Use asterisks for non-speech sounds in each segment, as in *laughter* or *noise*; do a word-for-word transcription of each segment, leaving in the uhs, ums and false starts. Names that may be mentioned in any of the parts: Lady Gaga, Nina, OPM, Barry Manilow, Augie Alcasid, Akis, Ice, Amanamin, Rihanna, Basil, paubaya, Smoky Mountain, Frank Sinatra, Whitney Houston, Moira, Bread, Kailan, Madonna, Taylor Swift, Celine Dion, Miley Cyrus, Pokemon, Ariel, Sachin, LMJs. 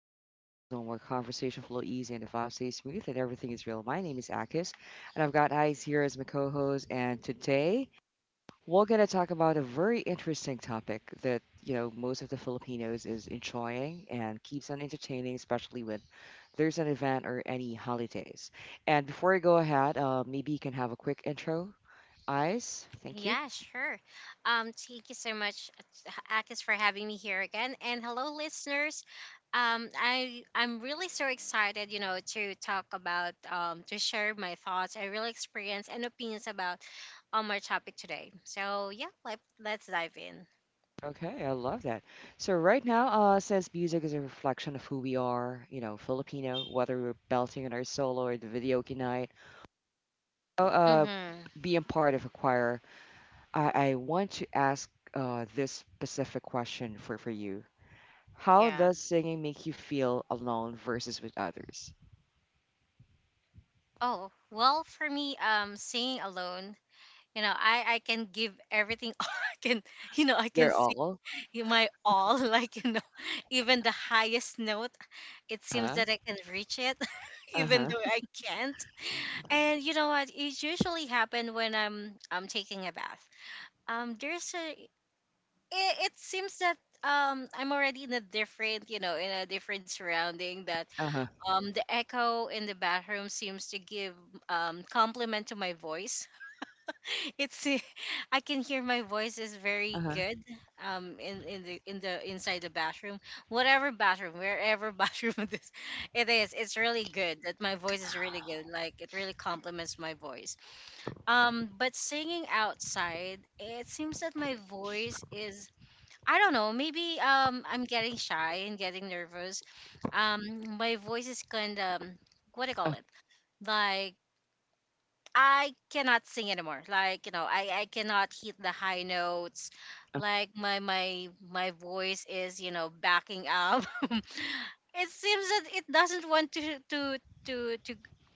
tap into a chill zone where conversation flow easy and the vibe stay smooth and everything is real. My name is Akis, and I've got Ice here as my co-host. And today we're gonna talk about a very interesting topic that you know most of the Filipinos is enjoying and keeps on entertaining, especially when there's an event or any holidays. And before I go ahead, uh, maybe you can have a quick intro, Ice. Thank you. Yeah, sure. Um, thank you so much, Akis, for having me here again, and hello, listeners. Um, I I'm really so excited, you know, to talk about um to share my thoughts, I really experience and opinions about on my topic today. So yeah, let let's dive in. Okay, I love that. So right now, uh, since music is a reflection of who we are, you know, Filipino, whether we're belting in our solo or the video night, uh, uh, Mm-hmm. being part of a choir, I, I want to ask uh, this specific question for, for you. How Yeah. does singing make you feel alone versus with others? Oh, well, for me, um, singing alone, you know, I I can give everything *laughs* I can, you know, I can You're sing all, You my all, *laughs* like, you know, even the highest note, it seems huh? that I can reach it, *laughs* even Uh-huh. though I can't. And you know what? It usually happen when I'm I'm taking a bath. Um, there's a. It, it seems that um I'm already in a different, you know, in a different surrounding that Uh-huh. um the echo in the bathroom seems to give um compliment to my voice. *laughs* it's *laughs* I can hear my voice is very Uh-huh. good um in in the in the inside the bathroom, whatever bathroom, wherever *laughs* bathroom it is, it is it's really good that my voice is really good, like it really complements my voice. Um but singing outside, it seems that my voice is, I don't know, maybe um I'm getting shy and getting nervous. um my voice is kind of, what do you Uh, call it, like I cannot sing anymore. Like, you know, I, I cannot hit the high notes. uh, Like my my my voice is, you know, backing up. *laughs* It seems that it doesn't want to to to to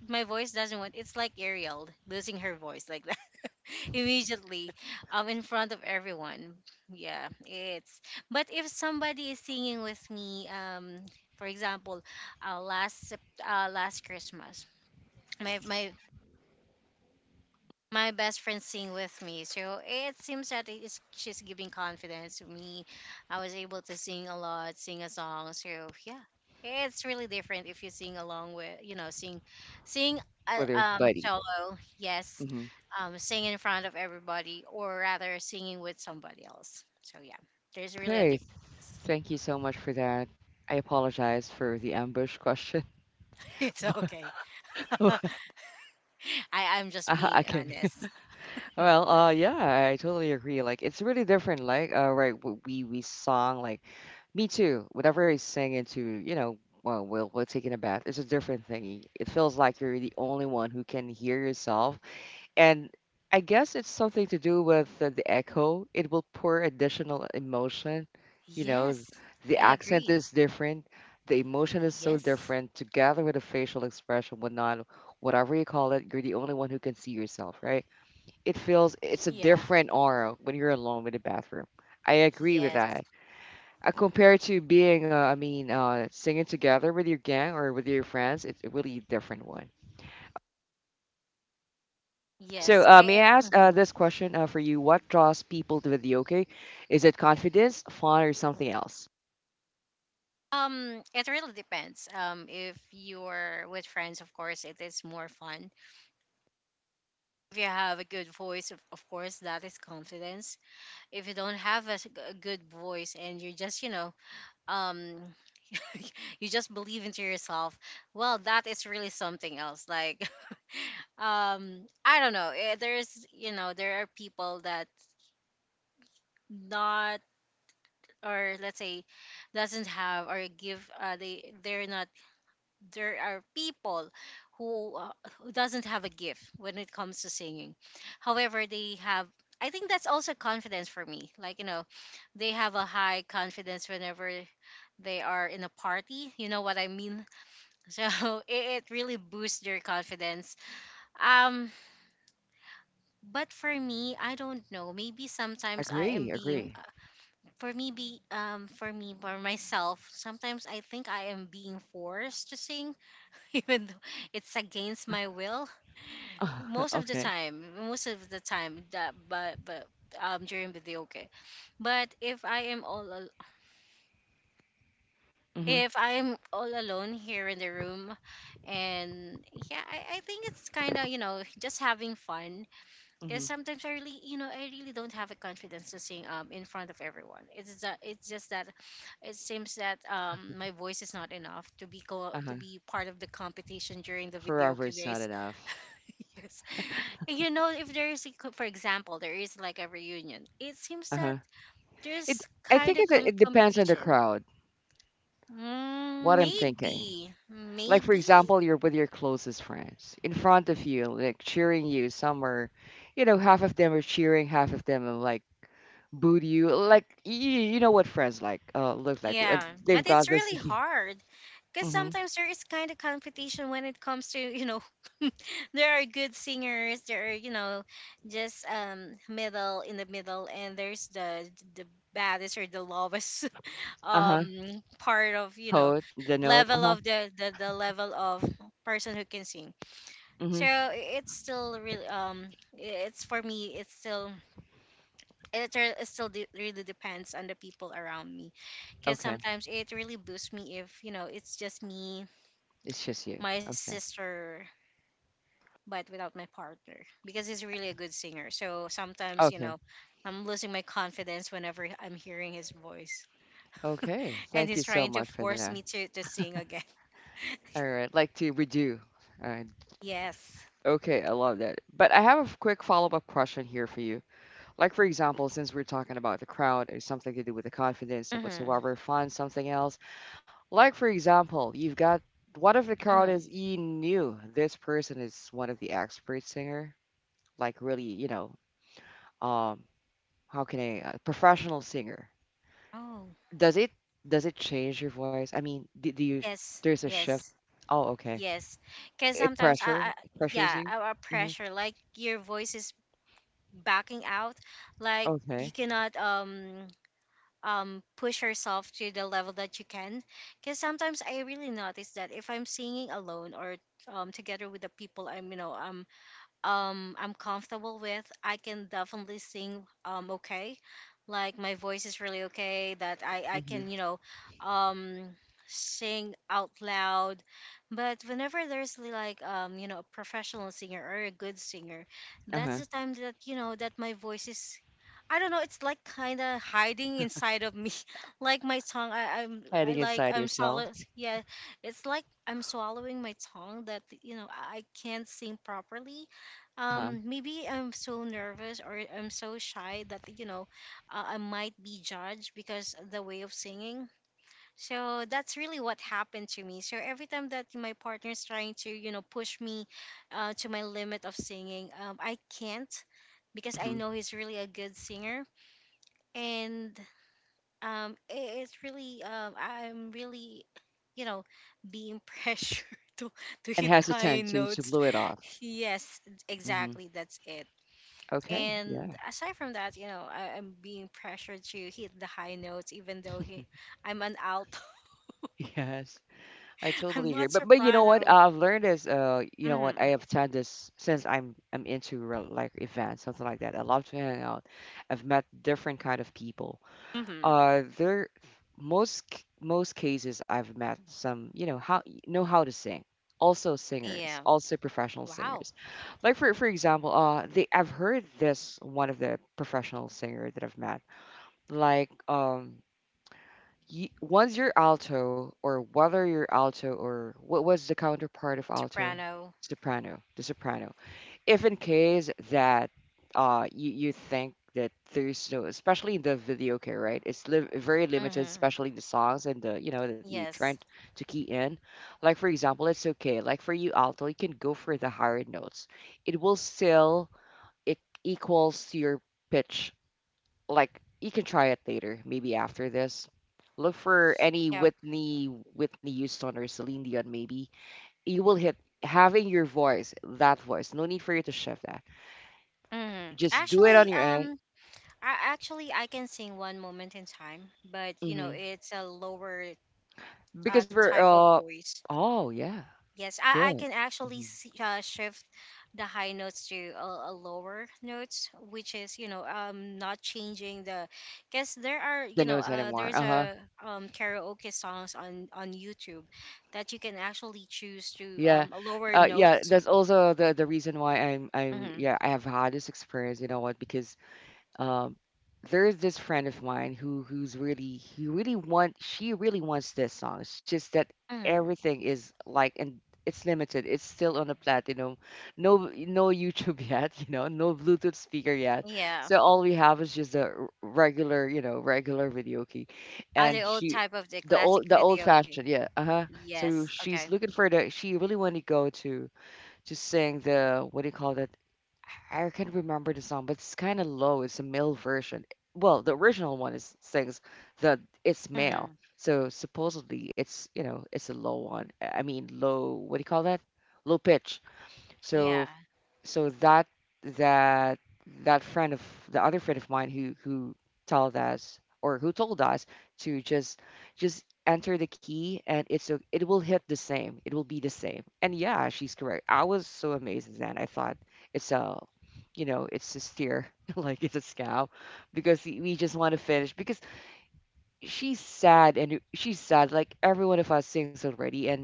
my voice doesn't want, it's like Ariel losing her voice like that *laughs* immediately um in front of everyone. Yeah, it's, but if somebody is singing with me, um for example, uh, last Sep- uh, last Christmas, my my my best friend sing with me. So it seems that it is, she's giving confidence to me. I was able to sing a lot, sing a song. So yeah, it's really different if you sing along with, you know, sing, sing uh, with your um buddy. solo. Yes, Hmm um, sing in front of everybody, or rather singing with somebody else. So yeah, there's really a Okay. difference. Thank you so much for that. I apologize for the ambush question. *laughs* It's Bu okay. *laughs* uh I *laughs* I'm just being I can. honest. *laughs* Well, uh, yeah, I totally agree. Like, it's really different. Like, uh, right, w- we we song like me too. Whatever I sing into, you know, well, we'll we're taking a bath. It's a different thing. It feels like you're the only one who can hear yourself. And I guess it's something to do with the, the echo. It will pour additional emotion. You know, th- Yes, the I accent agree. is different. The emotion is so Yes. different together with the facial expression, whatnot, whatever you call it, you're the only one who can see yourself, right? It feels it's a Yeah. different aura when you're alone with the bathroom. I agree with Yes. that. Uh, compared to being, uh, I mean, uh, singing together with your gang or with your friends, it's a really different one. So, Yes. uh, may I It, ask uh, mhm. this question uh, for you? What draws people to video? Okay, is it confidence, fun, or something else? Um, it really depends. Um, if you're with friends, of course, it is more fun. If you have a good voice, of, of course, that is confidence. If you don't have a, s- a good voice and you're just, you know, um, *laughs* you just believe into yourself, well, that is really something else. Like, *laughs* um I don't know eh, there's, you know, there are people that not, or let's say, doesn't have or give, uh they they're not, there are people who uh, who doesn't have a gift when it comes to singing, however they have, I think that's also confidence for me, like, you know, they have a high confidence whenever they are in a party, you know what I mean. *laughs* So it, it really boosts their confidence. um but for me, I don't know, maybe sometimes I am Agree, being agree. uh, for me be um for me for myself sometimes I think I am being forced to sing, *laughs* even though it's against my will *laughs* most of the Okay. time, most of the time that, but but um during videoke. But if I am all al- Mhm, if I am all alone here in the room, and yeah, i, I think it's kind of, you know, *laughs* just having fun, because mhm. sometimes I really, you know, I really don't have a confidence to sing um in front of everyone. It's that, it's just that it seems that um my voice is not enough to be co- Uh huh. to be part of the competition during the Forever videoke is not days. enough. *laughs* Yes. You know, if there is, a co- for example, there is like a reunion, it seems Uh that huh. It. there's I think kind of it com- it depends on the competition. crowd. What Mm, I'm thinking. maybe. Like for Maybe. example, you're with your closest friends in front of you, like cheering you. Some are, you know, half of them are cheering, half of them are like booed you. Like you, you know what friends like uh, look like. Uh, Yeah. But They've it's got this. really *laughs* hard because Mhm. sometimes there is kind of competition when it comes to, you know, *laughs* there are good singers, there are, you know, just um middle in the middle, and there's the the baddest or the lowest Uh-huh. um part of, you know, Hold the note. level of Uh-huh. the the, the level of person who can sing. Mhm. so i- it's still really um i- it's, for me, it's still, it, re- it still de- really depends on the people around me, because Okay. sometimes it really boosts me if, you know, it's just me, It's just you. my Okay. sister, but without my partner, because he's really a good singer. So sometimes, you Okay. know, I'm losing my confidence whenever I'm hearing his voice. Okay. *laughs* And Thank he's you so trying to much for force that. me to to sing again. All *laughs* right. Like to redo. All right. Yes. Okay. I love that. But I have a f- quick follow-up question here for you. Like for example, since we're talking about the crowd or something to do with the confidence or Mm-hmm. whatsoever, find something else. Like for example, you've got what if the crowd Mm. is you knew this person is one of the expert singer, like really, you know, um, how can I, a professional singer. Oh. Does it does it change your voice? I mean, do, do you Yes. there's a Yes. shift? Oh, okay. Yes. Because It sometimes I, pressure I it pressures yeah, you. our Hmm pressure, like your voice is backing out, like you Okay. cannot um um push yourself to the level that you can. Because sometimes I really notice that if I'm singing alone or um together with the people I'm, you know, um um I'm comfortable with. I can definitely sing um okay. Like my voice is really okay that I I hmm can, you know, um sing out loud. But whenever there's li- like um you know, a professional singer or a good singer, that's Uh-huh. the time that, you know, that my voice is, I don't know, it's like kind of hiding inside of me. *laughs* Like my tongue, I, I'm I Hiding like inside I'm yourself. swallow. Yeah, it's like I'm swallowing my tongue that, you know, I I can't sing properly. Uh-huh. Um maybe I'm so nervous or I'm so shy that, you know, uh, I might be judged because of the way of singing. So that's really what happened to me. So every time that my partner's trying to, you know, push me uh, to my limit of singing um, I can't, because I hmm know he's really a good singer, and um i- it's really um I'm really, you know, being *laughs* pressured to to And hit the has a high tend to to notes. blow it off. Yes, Hmm exactly, that's it. Okay. And Yeah. aside from that, you know, I, I'm being pressured to hit the high notes, even though he, *laughs* I'm an alto. Yes, I *laughs* totally I'm agree. not But but you know what? soprano. I've learned is uh you know what I Mm-hmm. have done this since I'm I'm into rel- like events something like that. I love to hang out. I've met different kind of people. Mm-hmm. Uh, there most c- most cases I've met some you know how know how to sing, also singers, Yeah. also professional Wow. singers. Like for for example uh they I've heard this one of the professional singer that I've met, like um y once you're alto or whether you're alto or what was the counterpart of alto? Soprano. Soprano, the soprano. If in case that uh you, you think that there's no, especially in the video key, right? It's li- very limited, Mm-hmm. especially the songs, and the you know that you trying Yes. to key in. Like for example, it's okay, like for you alto, you can go for the higher notes. It will still it equals to your pitch. Like you can try it later, maybe after this. Look for any Yep. whitney Whitney Houston or Celine Dion. Maybe you will hit having your voice, that voice, no need for you to shift that. Mm-hmm. Just do it on Actually, your own. um, I actually I can sing One Moment in Time, but you know, Hmm it's a lower uh, Because we're type of uh voice. oh yeah, Yes, I, I good. can actually Hmm s uh, shift the high notes to a, a lower notes, which is, you know, um not changing the, because there are, you The know, nose uh anymore. there's Uh-huh. a um karaoke songs on on YouTube that you can actually choose to Yeah. um a lower Uh, yeah, notes. that's also the the reason why I'm I'm Mm-hmm. yeah, I have had this experience, you know what? Because um, there is this friend of mine who who's really he really want she really wants this song. It's just that Mm-hmm. everything is like, and it's limited. It's still on a platinum. No no YouTube *laughs* yet, you know, no Bluetooth speaker yet. Yeah, So all we have is just a r- regular, you know, regular video key. are the And old she type of the the classic old the old video. fashioned, Okay. yeah. Uh-huh. So Yes. she's Okay. looking for the she really want to go to to sing the what do you call that? I can't remember the song, but it's kind of low. It's a male version. Well, the original one is sings that it's male, Mm-hmm. so supposedly it's you know it's a low one. I mean low. What do you call that? Low pitch. So Yeah. so that that that friend of the other friend of mine who who told us or who told us to just just enter the key, and it's o- it will hit the same, it will be the same, and yeah, she's correct. I was so amazed. Then I thought it's a you know it's a steer *laughs* like it's a scam because we we just want to finish because she's sad and she's sad like every one of us sings already, and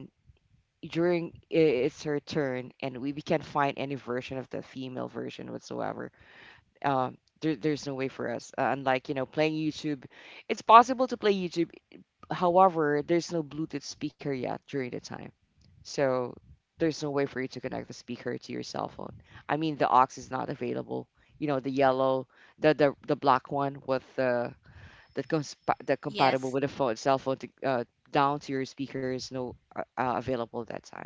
during I- it's her turn, and we, we can't find any version of the female version whatsoever. Um, there, there's no way for us, uh, unlike you know playing YouTube. It's possible to play YouTube, however there's no Bluetooth speaker yet during the time. So there's no way for you to connect the speaker to your cell phone. I mean the aux is not available. You know, the yellow, the the, the black one with the that comes that compatible Yes. with a phone cell phone to, uh, down to your speaker is no uh, uh, available that time.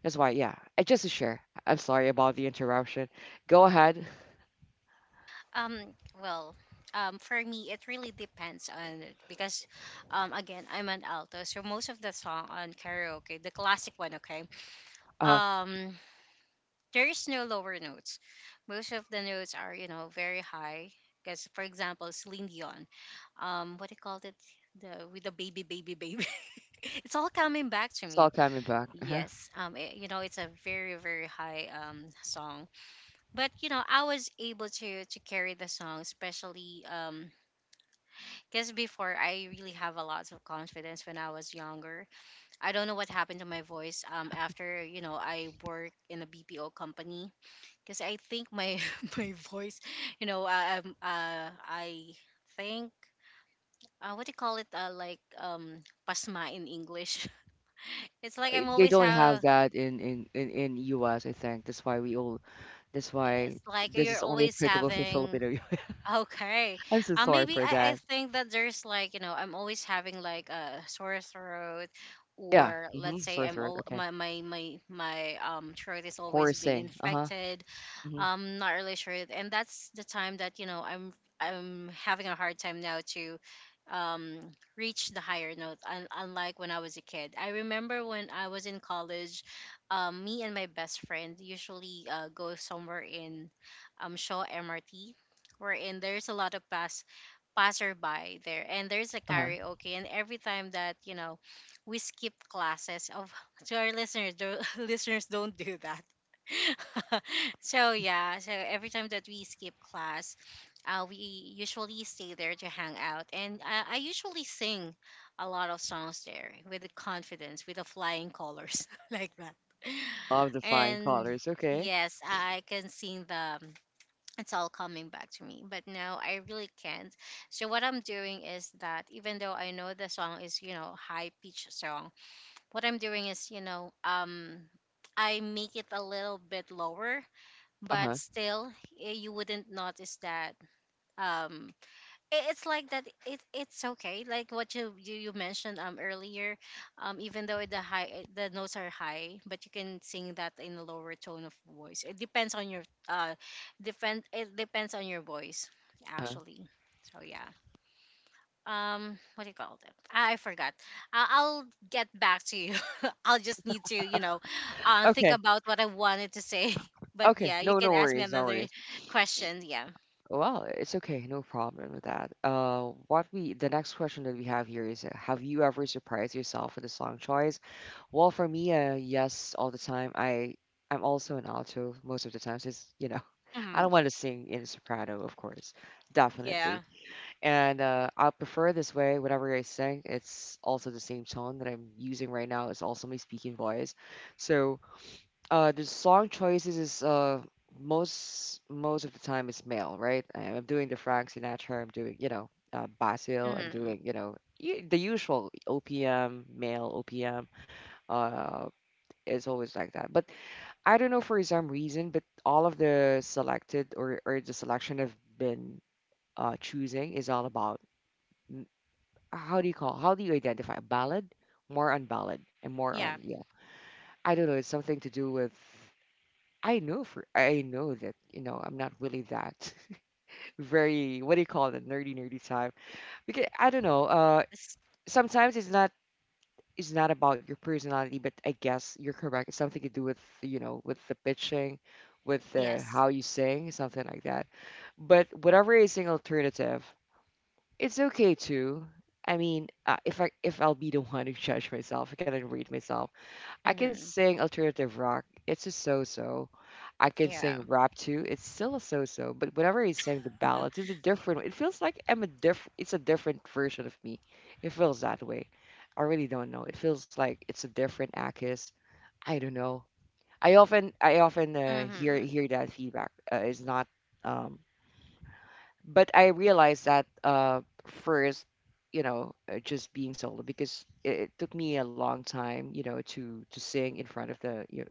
That's why, yeah. I just to share. I'm sorry about the interruption. Go ahead. Um, well, um, for me, it really depends on it because, um, again, I'm an alto, so most of the song on karaoke, the classic one, okay, Uh, um, there is no lower notes. Most of the notes are, you know, very high. Because, for example, Celine Dion, um, what do you call it? The with the baby, baby, baby. *laughs* It's all coming back to it's all me. coming back. Uh-huh. Yes, um, it, you know, it's a very, very high um song, but you know, I was able to to carry the song, especially um because before I really have a lot of confidence when I was younger. I don't know what happened to my voice um after, you know, I work in a B P O company, because I think my *laughs* my voice, you know uh, um uh I think uh, what do you call it, uh, like um pasma in English. *laughs* It's like Uh, I'm they always don't have have, that in in in in U S. I think that's why we all. That's why it's like this you're is only always applicable for having. Filipino. *laughs* Okay. I'm so Uh, sorry Maybe for I, I that. think that there's like, you know, I'm always having like a sore throat, Yeah. or Mm-hmm. let's say Sore I'm throat. all Okay. my my my my um throat is always been Horsing. Uh-huh. infected. Mm-hmm. I'm not really sure. And that's the time that, you know, I'm I'm having a hard time now to um reach the higher note, un- unlike when I was a kid. I remember when I was in college, um me and my best friend usually uh, go somewhere in um Shaw MRT, wherein there's a lot of pass passerby there, and there's a Uh-huh. karaoke. And every time that, you know, we skip classes of, *laughs* to our listeners, do, *laughs* listeners don't do that. *laughs* So yeah, so every time that we skip class, uh, we usually stay there to hang out, and I, I usually sing a lot of songs there with the confidence, with the flying colors *laughs* like that. Love the flying And colors. Okay. yes, I can sing the. It's all coming back to me, but no, I really can't. So what I'm doing is that even though I know the song is you know high pitched song, what I'm doing is you know um I make it a little bit lower but Uh-huh. still eh, you wouldn't notice that um i- it's like that it, it's okay like what you, you you mentioned um earlier. Um even though the high eh, the notes are high, but you can sing that in a lower tone of voice. It depends on your uh depend it depends on your voice Uh-huh. actually. So yeah, um what do you call it? I I forgot. I- i'll get back to you *laughs* I'll just need to you know uh, think Okay. about what I wanted to say *laughs* but Okay. yeah, you No, can no ask me worries. No another worries. question. Yeah. Well, it's okay, no problem with that. Uh, what we the next question that we have here is, uh, have you ever surprised yourself with a song choice? Well, for me, uh, yes, all the time. I I'm also an alto most of the time, since you know, *laughs* I Hmm. don't want to sing in soprano, of course, Yeah. definitely. And uh, I prefer this way. Whenever I sing, it's also the same tone that I'm using right now. It's also my speaking voice, so uh the song choices is uh most most of the time is male, right? I- I'm doing the Frank Sinatra, I'm doing, you know, uh, Basil, I'm Hmm. doing, you know, y- the usual O P M, male O P M. Uh, it's always like that. But I don't know for some reason, but all of the selected or or the selection I've been uh choosing is all about mm, how do you call how do you identify ballad? More on ballad and more on Yeah. yeah. I don't know, it's something to do with I know for I know that you know I'm not really that *laughs* very what do you call it nerdy nerdy type, because I don't know uh Yes. sometimes it's not it's not about your personality, but I guess you're correct, it's something to do with you know with the pitching, with the Yes. how you sing something like that. But whatever is an alternative, it's okay too. I mean, uh, if I if I'll be the one to judge myself, I cannot read myself. I can Hmm. sing alternative rock. It's a so-so. I can Yeah. sing rap too. It's still a so-so. But whenever I sing the *laughs* ballads, it's a different. It feels like I'm a different. It's a different version of me. It feels that way. I really don't know. It feels like it's a different Akis. I don't know. I often I often uh, hear Hmm. hear that feedback uh, is not. Um, but I realized that uh, first, you know, uh, just being solo because it, it took me a long time, you know, to to sing in front of the you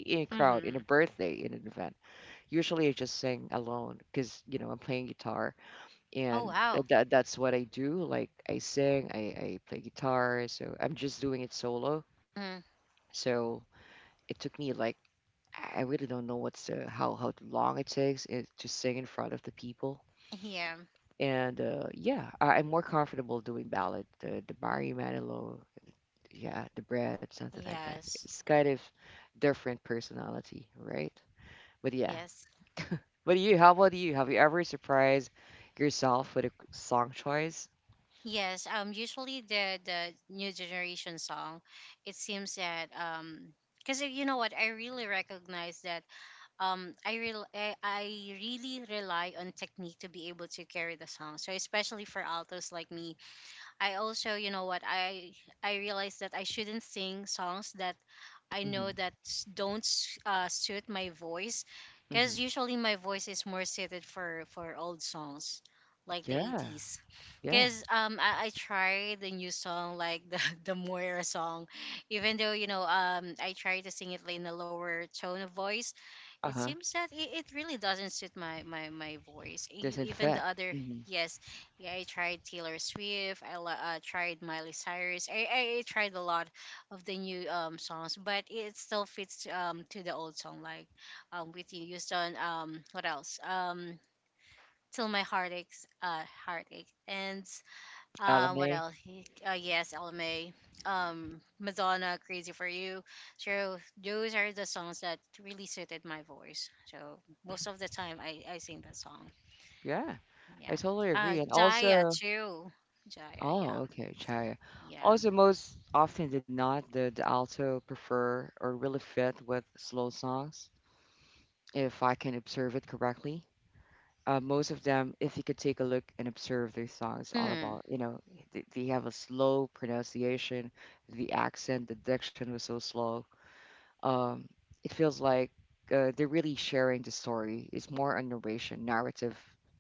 in a crowd, in a Hmm. birthday, in an event. Usually I just sing alone because, you know, I'm playing guitar Oh, and wow. that, that's what I do. Like I sing, I, I play guitar. So I'm just doing it solo. Hmm. So it took me like, I really don't know what's the, how, how long it takes it, to sing in front of the people. Yeah. And uh, yeah, I, I'm more comfortable doing ballad, the, the Barry Manilow, yeah, the bread, something like that. Yes. It's kind of different personality, right? But yeah, Yes. what do you? How about you? Have you ever surprised yourself with a song choice? Yes, um, usually the the new generation song, it seems that um, because you know what, I really recognize that um, I real I, I really rely on technique to be able to carry the song. So especially for altos like me, I also you know what I I realize that I shouldn't sing songs that I Hmm. know that s- don't s- uh, suit my voice, Hmm. because usually my voice is more suited for for old songs, like the Yeah, eighties. yeah. Because um I, I tried the new song like the *laughs* the Moira song, even though you know um I tried to sing it like in a lower tone of voice, Uh it huh. seems that it, it really doesn't suit my my my voice. E- Doesn't Even fit. the other. Mm-hmm. Yes, yeah, I tried Taylor Swift, i li- uh, tried Miley Cyrus. I, I i tried a lot of the new um songs, but it still fits um to the old song like um With You Houston. Um what else? Um till My Heart Aches. Uh heartache. And uh, what L M A. else? He- Uh, yes, L M A. Um, Madonna, Crazy for You. So those are the songs that really suited my voice. So most of the time, I I sing that song. Yeah, I Yeah. totally agree. Uh, And Jaya also, too. Jaya, oh, yeah, okay, Chaya. yeah. Also, most often than not, the, the alto prefer or really fit with slow songs, if I can observe it correctly. Uh, most of them, if you could take a look and observe their songs, all Mhm, about, you know, they, they have a slow pronunciation, the accent, the diction was so slow. Um, it feels like uh, they're really sharing the story. It's more a narration, narrative,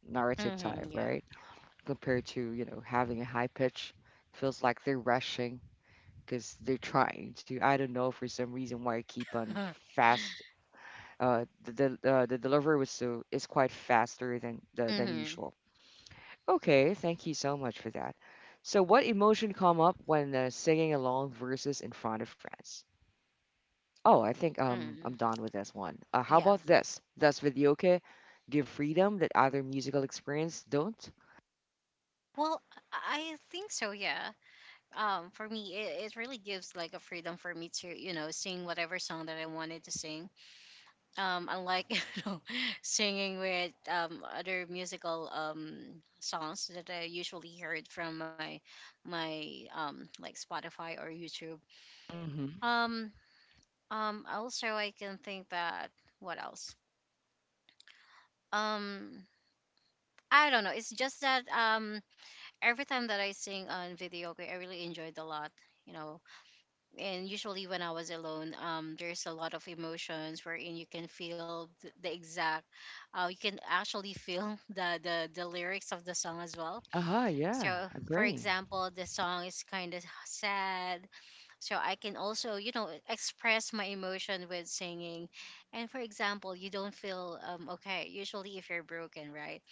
narrative mhm, type, yeah. right? Compared to, you know, having a high pitch, feels like they're rushing because they're trying to. I don't know for some reason why I keep on *laughs* fast. Uh, the the, uh, the delivery was so is quite faster than the, than Mhm, usual. Okay, thank you so much for that. So, what emotion come up when uh, singing along verses in front of friends? Oh, I think um I'm mhm. done with this one. Uh, how Yeah. about this? Does videoke give freedom that other musical experience don't? Well, I I think so. Yeah. Um, for me, it, it really gives like a freedom for me to you know sing whatever song that I wanted to sing, um, unlike *laughs* you know, singing with um, other musical um, songs that I usually heard from my my um, like Spotify or YouTube. Mm-hmm. Um, um, Also, I can think that what else? Um, I don't know. It's just that um, every time that I sing on video, okay, I really enjoyed a lot. You know, and usually when I was alone, um, there's a lot of emotions wherein you can feel th- the exact, uh, you can actually feel *laughs* the, the the lyrics of the song as well. Uh-huh, yeah, So, for agree. example, the song is kind of sad, so I can also you know express my emotion with singing. And for example, you don't feel um, okay, usually if you're broken, right?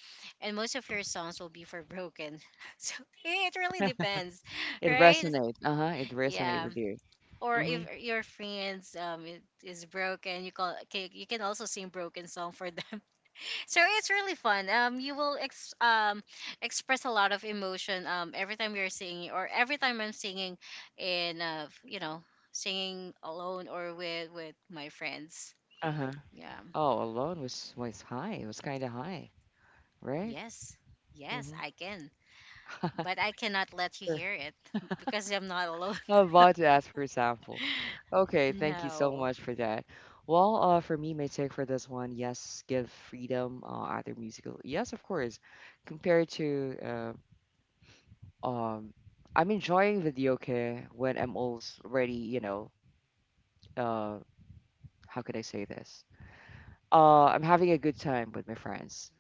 And most of your songs will be for broken, *laughs* so it really depends, It right? resonates. Uh-huh, it resonates Yeah. with you. Or Mm-hmm. if your friends um it is broken you call ca- you can also sing broken song for them *laughs* so it's really fun, um you will ex- um express a lot of emotion um every time you're singing, or every time I'm singing in uh you know, singing alone or with with my friends. Uh-huh. Yeah. Oh, alone was was high. It was kind of high, right? Yes, yes I can, but I Mm-hmm. cannot let you *laughs* hear it *laughs* because I'm not alone. I'm about to ask for a sample. Okay, *laughs* thank you so No. much for that. Well, uh, for me, my take for this one, yes, give freedom, uh, either musical. Yes, of course. Compared to, uh, um, I'm enjoying videoke when I'm already, you know, uh, how could I say this? Uh, I'm having a good time with my friends.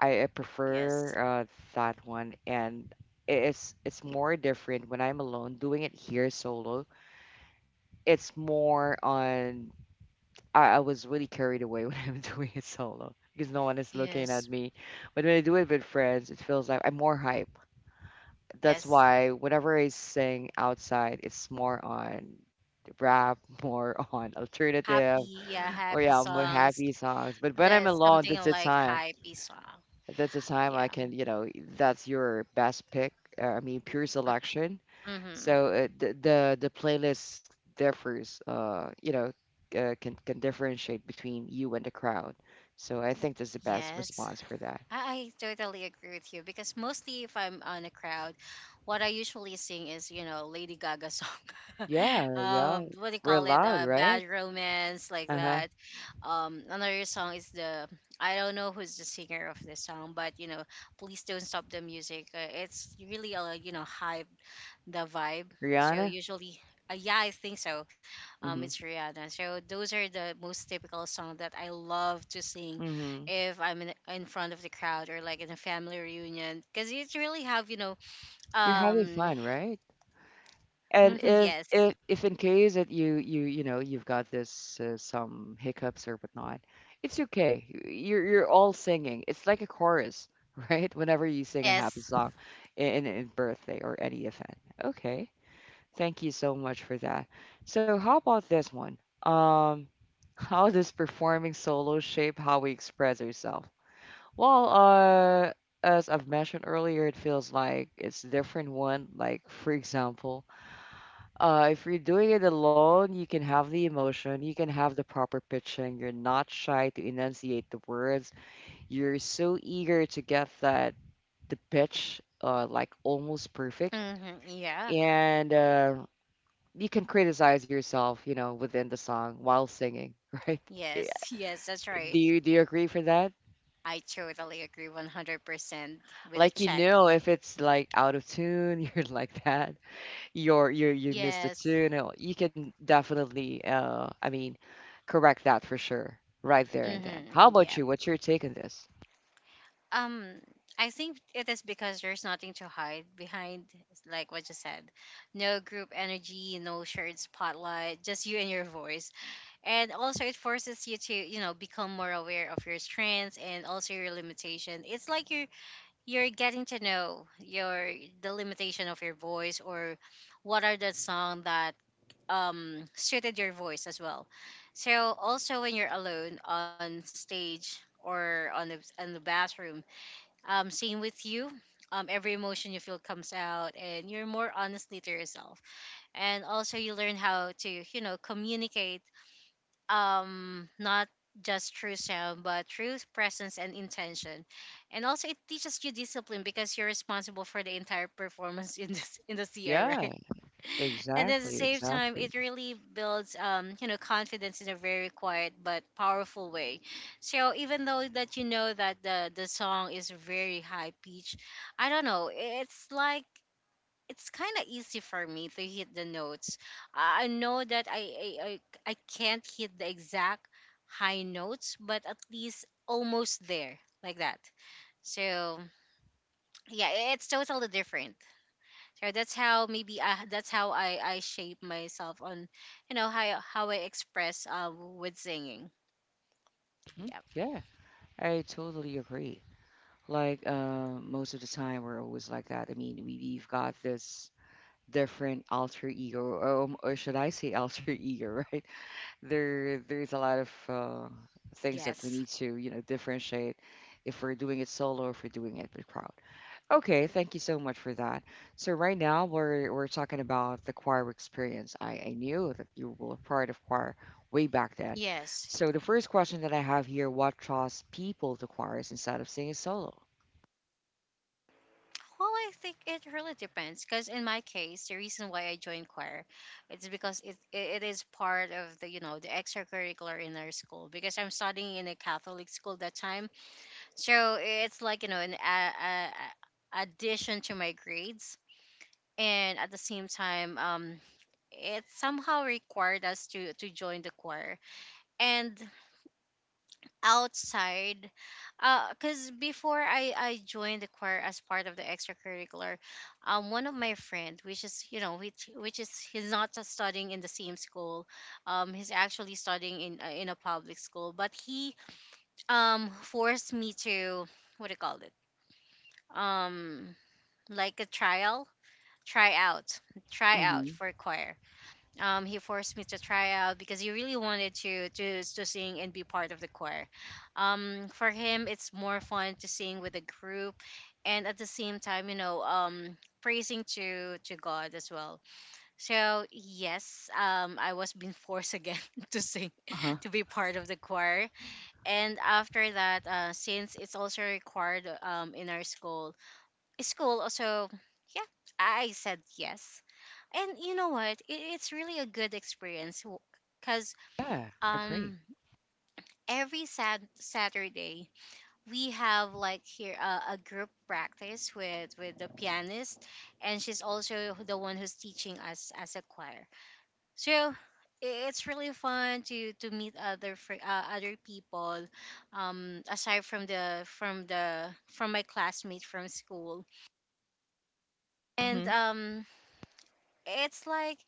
I, I Yes. prefer uh, that one, and it's it's more different when I'm alone. Doing it here solo, it's more on I, I was really carried away when *laughs* I'm doing it solo because no one is looking at Yes. me. But when I do it with friends, it feels like I'm more hype. That's Yes, why whenever I sing outside, it's more on rap, *laughs* more on alternative, happy, yeah, or happy yeah, more songs. happy songs. But when I'm That's alone, something that's the like time. hypey song. That's the time I Yeah. can, you know, that's your best pick. Uh, I mean, pure selection. Mm-hmm. So uh, the, the the playlist differs, uh, you know, uh, can can differentiate between you and the crowd. So I think that's the best Yes. response for that. I, I totally agree with you, because mostly if I'm on a crowd, what I usually sing is, you know, Lady Gaga song. *laughs* Yeah, yeah, um, What do you we're call it? loud, Uh, right? Bad Romance, like Uh huh. that. Um, another song is the, I don't know who's the singer of this song, but, you know, Please Don't Stop the Music. Uh, it's really a, you know, hype the vibe. So Rihanna. usually, uh, yeah, I think so. Um, Mhm. it's Rihanna. So those are the most typical song that I love to sing Mhm. if I'm in, in front of the crowd or like in a family reunion, because it's really have you know You're having um fun, right? And *laughs* if yes. if if in case that you you you know you've got this uh, some hiccups or whatnot, it's okay. You're you're all singing. It's like a chorus, *laughs* right? Whenever you sing a happy Yes. song in in birthday or any event. Okay. Thank you so much for that. So how about this one? Um, *laughs* how does performing solo shape how we express ourselves? Well, uh, as I've mentioned earlier, it feels like it's different one. Like for example uh, if you're doing it alone, you can have the emotion, you can have the proper pitching, you're not shy to enunciate the words, you're so eager to get that the pitch uh, like almost perfect, Hmm. Yeah. and uh, you can criticize yourself, you know, within the song while singing, *laughs* right? Eh, Yes. *laughs* Yes, that's right. Do you do you agree for that? I totally agree one hundred percent with a Like you check. know if it's like out of tune, *laughs* you're like that. You're you you missed the Yes. tune. uh, You can definitely, uh, I mean, correct that for sure, right there and then. How Mm-hmm. about Yeah. you? What's your take on this? Um, I think it is because there's nothing to hide behind, like what you said. No group energy, no shared spotlight, just you and your voice. And also, it forces you to, you know, become more aware of your strengths and also your limitation. It's like you're you're getting to know your the limitation of your voice, or what are the song that um suited your voice as well. So also when you're alone on stage or on the on the bathroom, um, same with you. Um, every emotion you feel comes out, and you're more honestly to yourself. And also, you learn how to, you know, communicate. Um, not just through sound, but through presence and intention. And also, it teaches you discipline because you're responsible for the entire performance *laughs* in this in the C R, right? Yeah, And at the exactly, same time, exactly. it really builds um you know confidence in a very quiet but powerful way. So even though that you know that the the song is very high pitch, I don't know, it's like it's kind of easy for me to hit the notes. I I know that I, I i I can't hit the exact high notes, but at least almost there, like that. So yeah, it's totally different. So that's how maybe I, that's how I, I shape myself on, you know, how, how I express uh, with singing. Hmm. Yep. Yeah, I totally agree. Like uh, most of the time, we're always like that. I mean, we, we've got this different alter ego, or, um, or should I say alter ego, *laughs* right? There, there's a lot of uh, things that we Yes. need to, you know, differentiate if we're doing it solo or if we're doing it with crowd. Okay, thank you so much for that. So right now we're we're talking about the choir experience. I, I knew that you were part of choir way back then. Yes. So the first question that I have here, what draws people to choirs instead of singing solo? Well, I think it really depends because in my case, the reason why I joined choir, it's because it, it it is part of the you know the extracurricular in our school, because I'm studying in a Catholic school that time, so it's like you know an a, a, a- addition to my grades, and at the same time, um, it somehow required us to to join the choir and outside. Because before i i joined the choir as part of the extracurricular, um one of my friend, which is you know which which is he's not just studying in the same school, um he's actually studying in uh, in a public school, but he um forced me to what do you call it, um like a trial, try out try out Mm-hmm. for choir. Um, he forced me to try out because he really wanted to to to sing and be part of the choir. Um, for him, it's more fun to sing with a group, and at the same time, you know, um, praising to to God as well. So yes, um, I was being forced again *laughs* to sing, Uh-huh. *laughs* to be part of the choir, and after that, uh, since it's also required um in our school, school also, yeah, I said yes. And you know what? It, it's really a good experience, because Yeah, I agree. um every sad Saturday we have like here uh, a group practice with with the pianist, and she's also the one who's teaching us as a choir. So i- it's really fun to to meet other fr- uh, other people, um aside from the from the from my classmate from school, and Mm-hmm. um it's like,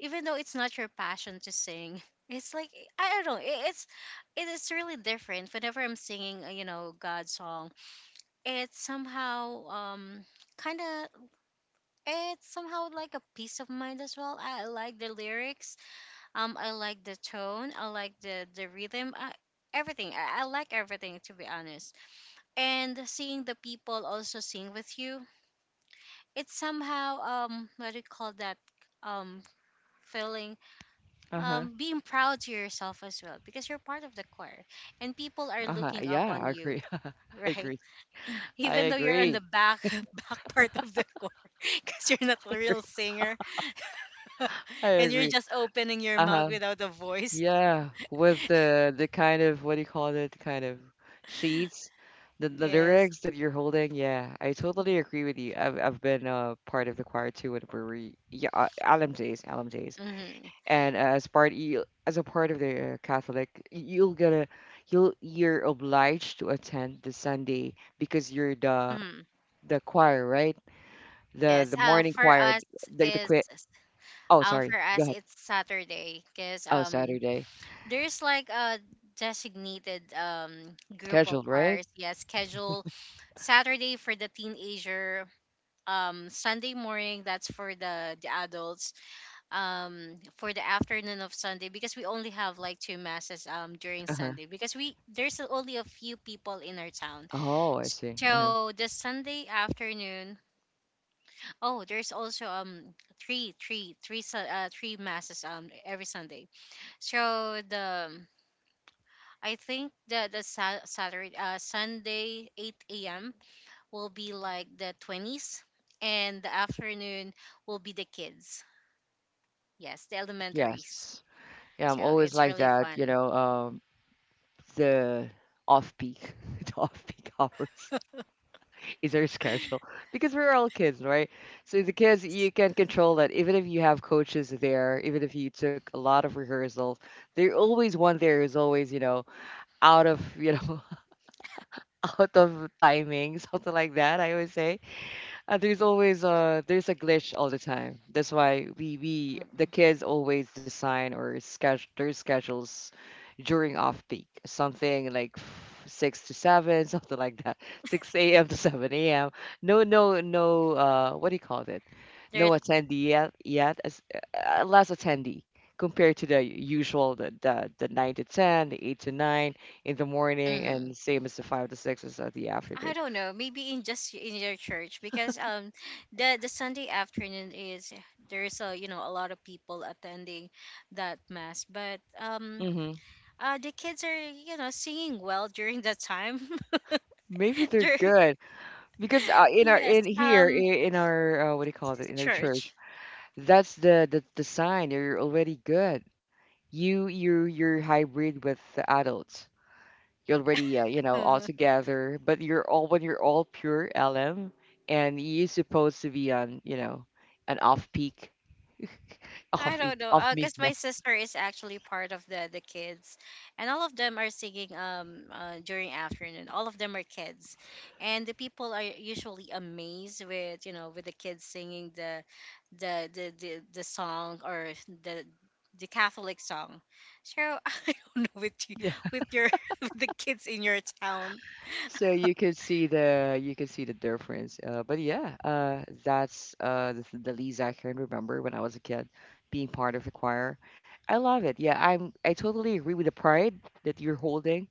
even though it's not your passion to sing, *laughs* it's like I don't know it- it's, it is really different whenever I'm singing uh, you know god's song. It's somehow um kind of, it's somehow like a peace of mind as well. I like the lyrics, um I like the tone, I like the the rhythm. I, everything, I, I like everything to be honest. And seeing the people also sing with you, it's somehow um what do you call that, um feeling Uh-huh. um, being proud to yourself as well, because you're part of the core and people are Uh-huh. looking up Yeah, on I you, agree. *laughs* I right? agree. *laughs* I Even though you're on the agree. back, *laughs* back part of the core, *laughs* because you're not a real *laughs* singer I and you're agree. just opening your mouth Uh-huh. without a voice. Yeah, with the the kind of what do you call it? Kind of sheets, the the Yes. lyrics that you're holding. Yeah, I totally agree with you. I've I've been a part of the choir too when we were yeah uh, L M Js L M Js, Mm-hmm. and as part you as a part of the Catholic, y- you'll get a you'll you're obliged to attend the Sunday because you're the Hmm. the choir, right? The Yes. the Uh, morning for choir, us the the is, quit. Oh, um sorry. for Go us ahead. it's Saturday, because Oh, um Saturday there's like a designated um group of scheduled, right? cars. Yes, schedule. Saturday for the teenager, um Sunday morning, that's for the the adults, um for the afternoon of Sunday, because we only have like two masses um during Sunday, *laughs* because we there's only a few people in our town. Oh, I see. Uh so the Sunday afternoon, oh, there's also um three three three su- uh, three masses um every Sunday. So the, I think the the Sa- Saturday uh, Sunday eight a m will be like the twenties, and the afternoon will be the kids. Yes, the elementaries. Yes. Yeah, I'm So always it's like really that, you fun. know, um, the off-peak, *laughs* the off-peak hours *laughs* is our schedule because we're all kids, right? So the kids, you can control that. Even if you have coaches there, even if you took a lot of rehearsals, there always one there is always, you know, out of, you know, *laughs* out of timing, *laughs* something like that, I always say. Uh, there's always a there's a glitch all the time. That's why we we, the Mhm. kids, always design or schedule their schedules during off peak, something like f- six to seven, *laughs* something like that, six a m to seven a m. No, no, no. Uh, what do you call it? No There's attendee yet, yet as, uh, uh, less attendee compared to the usual the, the the nine to ten, the eight to nine in the morning, hmm and same as the five to six is at the I afternoon. don't know, maybe in just in your church because um the the Sunday afternoon is there's a you know a lot of people attending that mass, but um Hmm. uh the kids are you know singing well during that time. *laughs* Maybe they're Dur- good. Because uh, in our yes, in here um, I- in our uh, what do you call it, in our church, church. that's the, the the sign that you're already good. You you you're hybrid with the adults. You're already uh, you know all *laughs* together, but you're all when you're all pure L M, and you're supposed to be on you know an off peak, *laughs* I off peak, don't know, off uh, peak cause my mass. sister is actually part of the the kids, and all of them are singing um uh, during afternoon. All of them are kids, and the people are usually amazed with you know with the kids singing the the the the, the song or the the Catholic song. So *laughs* I don't know with you *laughs* with your *laughs* with the kids in your town. So you could see the you could see the difference. Uh, but yeah, uh, that's uh, the, the least I can remember when I was a kid, being part of a choir. I love it. Yeah, I'm I totally agree with the pride that you're holding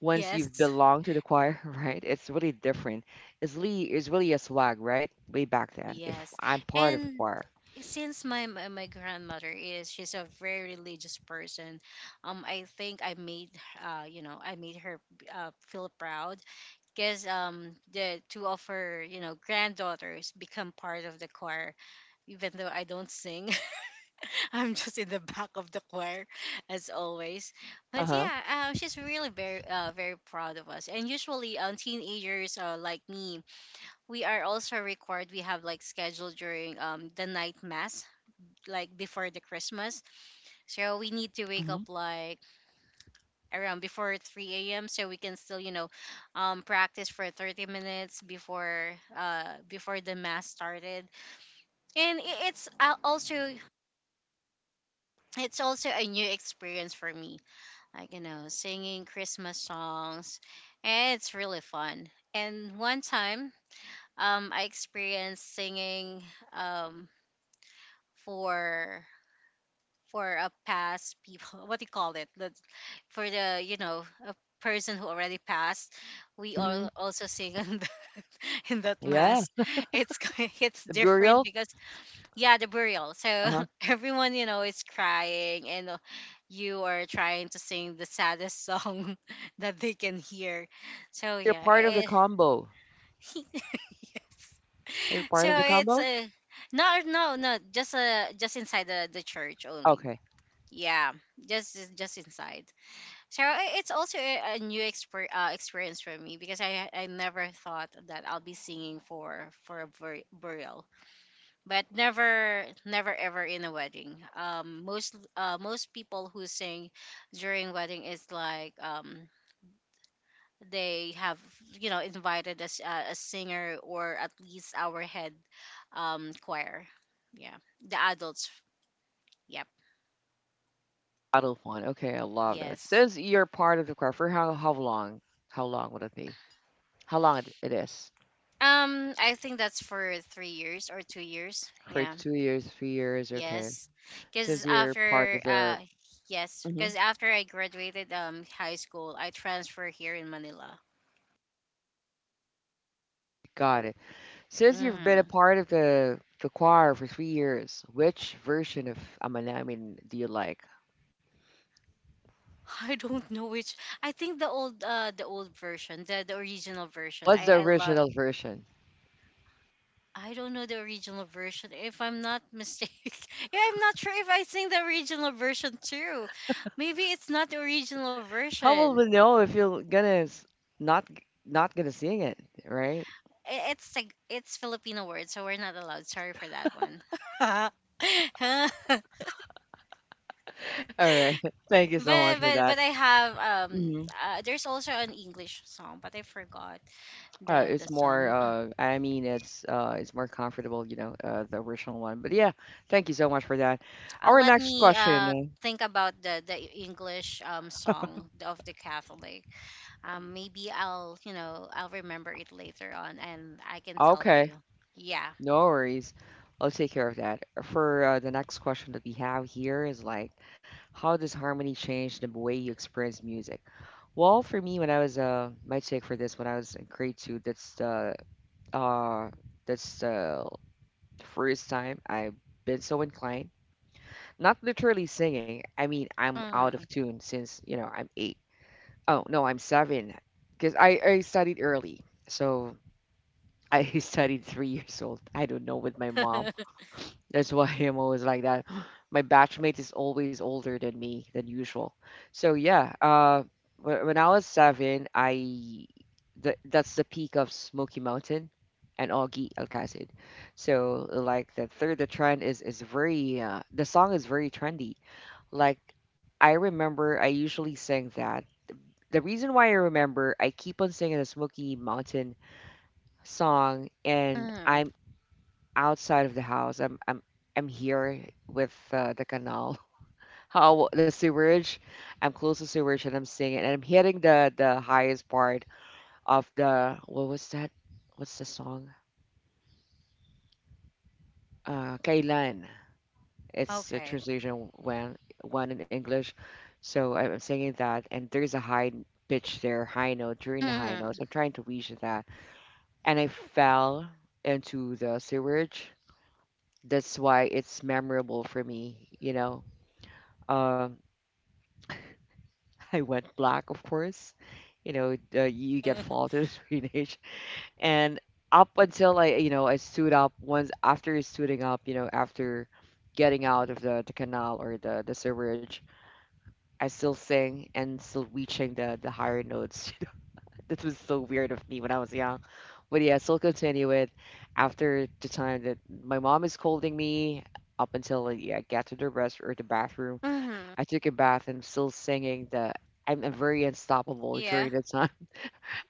once you've Yes. belonged to the choir, *laughs* right? It's really different. It's really it's really a swag, right? Way back then, if Yes. I'm part of the And choir. since my, my my grandmother is she's a very religious person, um, I think I made uh you know, I made her uh, feel proud because um the two of her, you know, granddaughters become part of the choir even though I don't sing. *laughs* I'm just in the back of the choir as always. But Uh-huh. yeah, um, she's really very uh, very proud of us. And usually um teenagers uh, like me we are also required we have like scheduled during um the night mass like before the Christmas so we need to wake Hmm. up like around before three a.m so we can still you know um practice for thirty minutes before uh before the mass started and i- it's al- also it's also a new experience for me like you know singing Christmas songs and it's really fun. And one time um I experienced singing um for for a past people, *laughs* what do you call it, the, for the you know a person who already passed we Hmm. all also sing in that, *laughs* in that Yeah, mass. it's ki- *laughs* it's the different burial. because yeah the burial. So Uh-huh. *laughs* everyone you know is crying and uh, you are trying to sing the saddest song *laughs* that they can hear. So You're yeah, part of the eh, combo. *laughs* yes. Are you So part of the it's combo? a no, no, no, just uh just inside the, the church only. Okay. Yeah, just just inside. So i- it's also a, a new exper- uh, experience for me because I I never thought that I'll be singing for for a bur- burial, but never never ever in a wedding. Um, most uh, most people who sing during wedding is like um they have you know invited as a, a singer or at least our head um choir. Yeah, the adults. Yep. Battlefront. Okay, I love that. Yes. Since you're part of the crowd, for how how long? How long would it be? How long it, it is? Um, I think that's for three years or two years. For Yeah. two years, three years. Okay. Yes. Because Since you're part of after, the. uh, yes. Hmm. Because after I graduated um high school, I transferred here in Manila. Got it. Since you've been a Mm. part of the the choir for three years, which version of Amanamin do you like? *laughs* I don't know which. I think the old, uh, the old version, the the original version. What's I the I love. original version? I don't know the original version. If I'm not mistaken, *laughs* yeah, I'm not sure if I sing the original version too. Maybe it's not the original How will version. we know if you're gonna s- not not gonna sing it, right? I- It's like it's Filipino word, so we're not allowed. Sorry for that one. *laughs* *laughs* *laughs* All right. *laughs* Thank you so much But for but that. but I have um Mhm. uh, there's also an English song, but I forgot Uh, the the it's more, song. Uh, uh, I mean, it's uh, it's more comfortable, you know, uh, the original one. But yeah, thank you so much for that. Will Our let next me uh question. think about the the E, English um song of the Catholic. Um, maybe I'll you know I'll remember it later on, and I can tell Okay, you. Yeah. no worries. I'll take care of that. For uh, the next question that we have here is like, how does harmony change the way you experience music? Well, for me, when I was uh, my take for this, when I was in grade two, that's the uh, that's the first time I've been so inclined. Not literally singing. I mean, I'm out of Mm. tune since, you know, I'm eight. Oh, no, I'm seven. Because I, I studied early. So I *laughs* studied three years old. I don't know with my mom. *laughs* That's why *laughs* I'm always like that. *gasps* My batchmate is always older than me than usual. So yeah, uh, wh- when I was seven, I th that's the peak of Smoky Mountain and Augie Alcasid. So like the third, the trend is is very uh, the song is very trendy. Like, I remember I usually sang that. The reason why I remember, I keep on singing the Smoky Mountain song, and Mm. I'm outside of the house. I'm I'm I'm here with uh, the canal, *laughs* how the sewerage. I'm close to sewerage, and I'm singing, and I'm hitting the the highest part of the what was that? What's the song? Uh, Kailan. It's a Okay. translation when one in English. So I- I'm singing that, and there's a high pitch there, high note during the high notes. Mm. I'm trying to reach that, and I fell into the sewage. That's why it's memorable for me. You know, um, *laughs* I went black, of course. You know, uh, you get *laughs* faulted *laughs* in age, and up until I, you know, I stood up once after stooding up, you know, after getting out of the, the canal or the the sewage. I still sing and still reaching the the higher notes. *laughs* You know, that was so weird of me when I was young. But yeah, I still continue it after the time that my mom is scolding me up until like, yeah, I get to the rest or the bathroom. Hmm. I took a bath and I'm still singing the I'm, I'm very unstoppable Yeah. during the *laughs* time.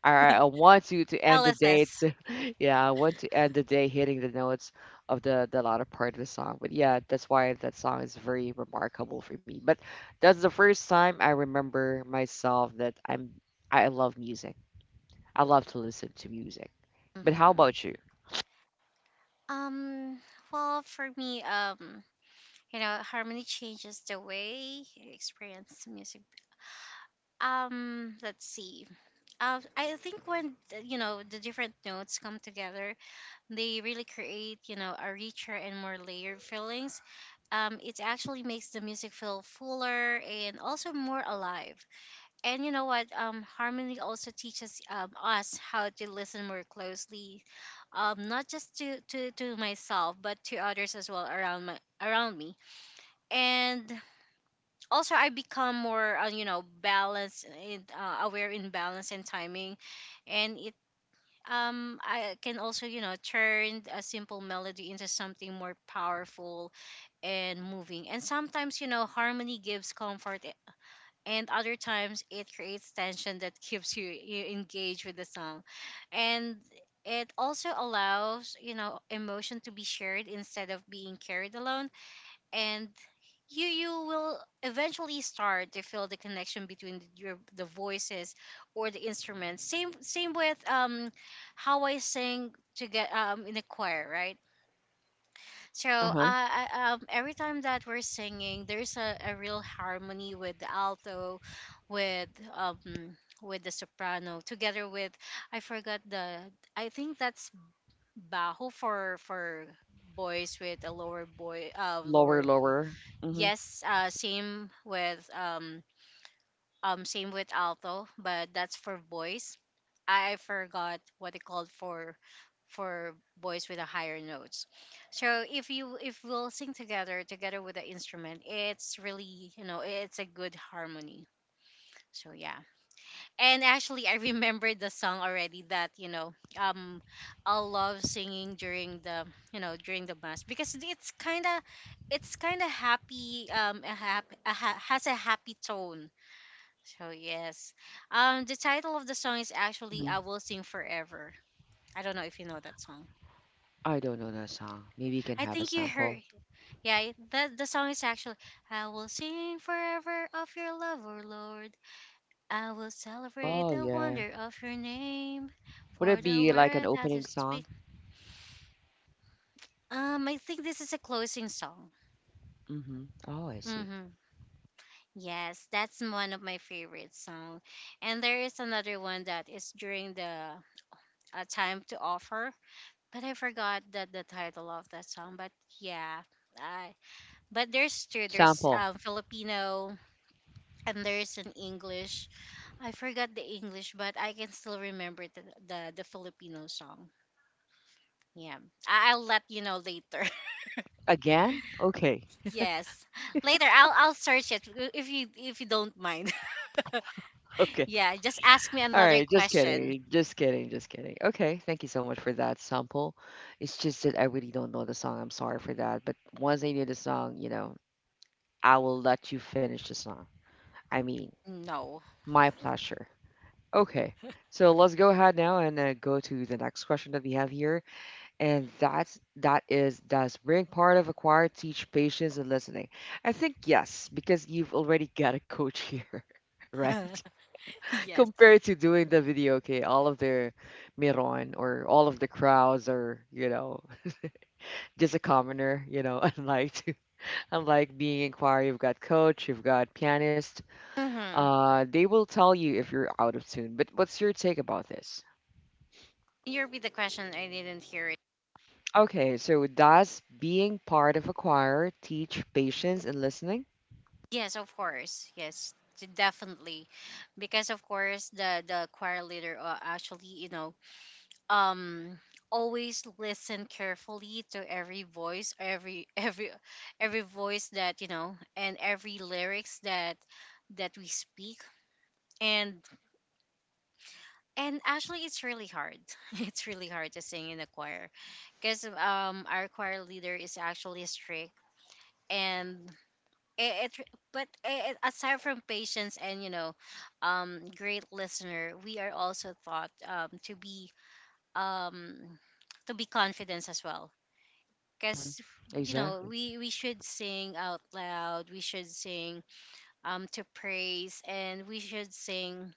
All right, I want you to end the day. L S S. To, *laughs* yeah, I want to end the day hitting the notes of the the latter part of the song. But yeah, that's why that song is very remarkable for me. But that's the first time I remember myself that I'm I love music. I love to listen to music. But how Mm-hmm. about you? Um, well, for me, um, you know, harmony changes the way you experience music. Um, let's see. Uh, I think when the- you know the different notes come together, they really create you know a richer and more layered feelings. Um, it actually makes the music feel fuller and also more alive. And you know what? Um, harmony also teaches um us how to listen more closely, um, not just to, to, to myself, but to others as well around my around me. And also, I become more uh, you know balanced, in, uh, aware in balance and timing, and it um I can also you know turn a simple melody into something more powerful and moving. And sometimes you know harmony gives comfort and other times it creates tension that keeps you, you engaged with the song and it also allows you know emotion to be shared instead of being carried alone and you you will eventually start to feel the connection between the, your the voices or the instruments, same same with um how I sing to get um in a choir, right? So Uh uh, huh. I, um, every time that we're singing, there's a, a real harmony with the alto, with um with the soprano, together with I forgot the I think that's bajo for for boys with a lower boy uh Lower, lower bo- lower. Mhm. yes uh same with um um, same with alto, but that's for voice. I forgot what it called for for voice with a higher notes. So if you if we'll sing together together with the instrument, it's really you know it's a good harmony. So yeah, and actually I *laughs* remembered the song already that you know um I love singing during the you know during the mass because it's kind of it's kind of happy um a hap- a ha- has a happy tone so yes, um, the title of the song is actually Mm-hmm. "I Hmm. Will Sing Forever." I don't know if you know that song. I don't know that song. Maybe you can I have a think you sample. heard. Yeah, the the song is actually "I Will Sing Forever of Your Love, O Lord. I will celebrate Oh, the yeah. wonder of Your name, Would for it the be like an word that You opening speak." song? Um, I think this is a closing song. Mm-hmm. Oh, I see. Mm-hmm. Yes, that's one of my favorite song, and there is another one that is during the uh, time to offer but I forgot that the title of that song. But yeah, I but there's two. There's Sample um Filipino and there's an English. I forgot the English, but I can still remember the the, the Filipino song. Yeah, I, I'll let you know later. *laughs* again? Okay. yes, later I'll I'll search it if you if you don't mind. *laughs* Okay. *laughs* yeah, just ask me All another right, just question. kidding, just kidding, just kidding. Okay, thank you so much for that sample. It's just that I really don't know the song. I'm sorry for that, but once I knew the song, you know, I will let you finish the song. I mean, No. my pleasure. Okay, so let's go ahead now and uh, go to the next question that we have here, and that's that is does being part of a choir teach patience and listening? I think yes, because you've already got a coach here, *laughs* right? *laughs* yes. Compared to doing the video, okay, all of the Miron or all of the crowds are, you know, just a commoner, you know, *laughs* unlike to, unlike being in choir, you've got coach, you've got pianist. Mm-hmm. Can Uh, they will tell you if you're out of tune. But what's your take about this? you repeat the question? I didn't hear. Okay, so does being part of a choir teach patience and listening? Yes, of course. Yes, d- definitely, because of course the the choir leader uh, actually you know um always listen carefully to every voice, every *laughs* every every voice that you know, and every lyrics that that we speak. And and actually, it's really hard. *laughs* It's really hard to sing in a choir, because um our choir leader is actually strict and it, it but it, aside from patience and you know um great listener we are also taught um to be um to be confident as well Mhm. because you know Exactly. we we should sing out loud we should sing um to praise and we should sing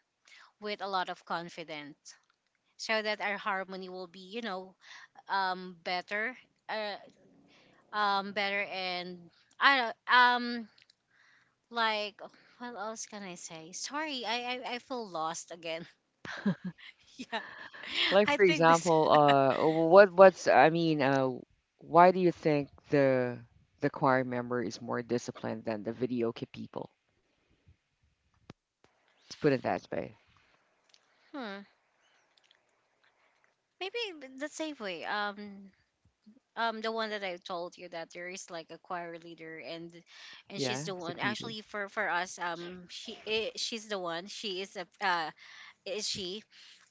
with a lot of confidence so that our harmony will be you know um better, uh, um better and I don't- um like, what else can I say? Sorry, I I, I feel lost again. *laughs* yeah, Like I for think this. example, *laughs* uh, what what's I mean, uh, why do you think the the choir member is more disciplined than the video kid people? Let's put it that way. Hmm. Maybe th- the same way. Um, um, the one that I told you that there is like a choir leader, and and she's Yeah, the it's the one. leader. Actually, for for us, um, she i she's the one. She is a uh, is she?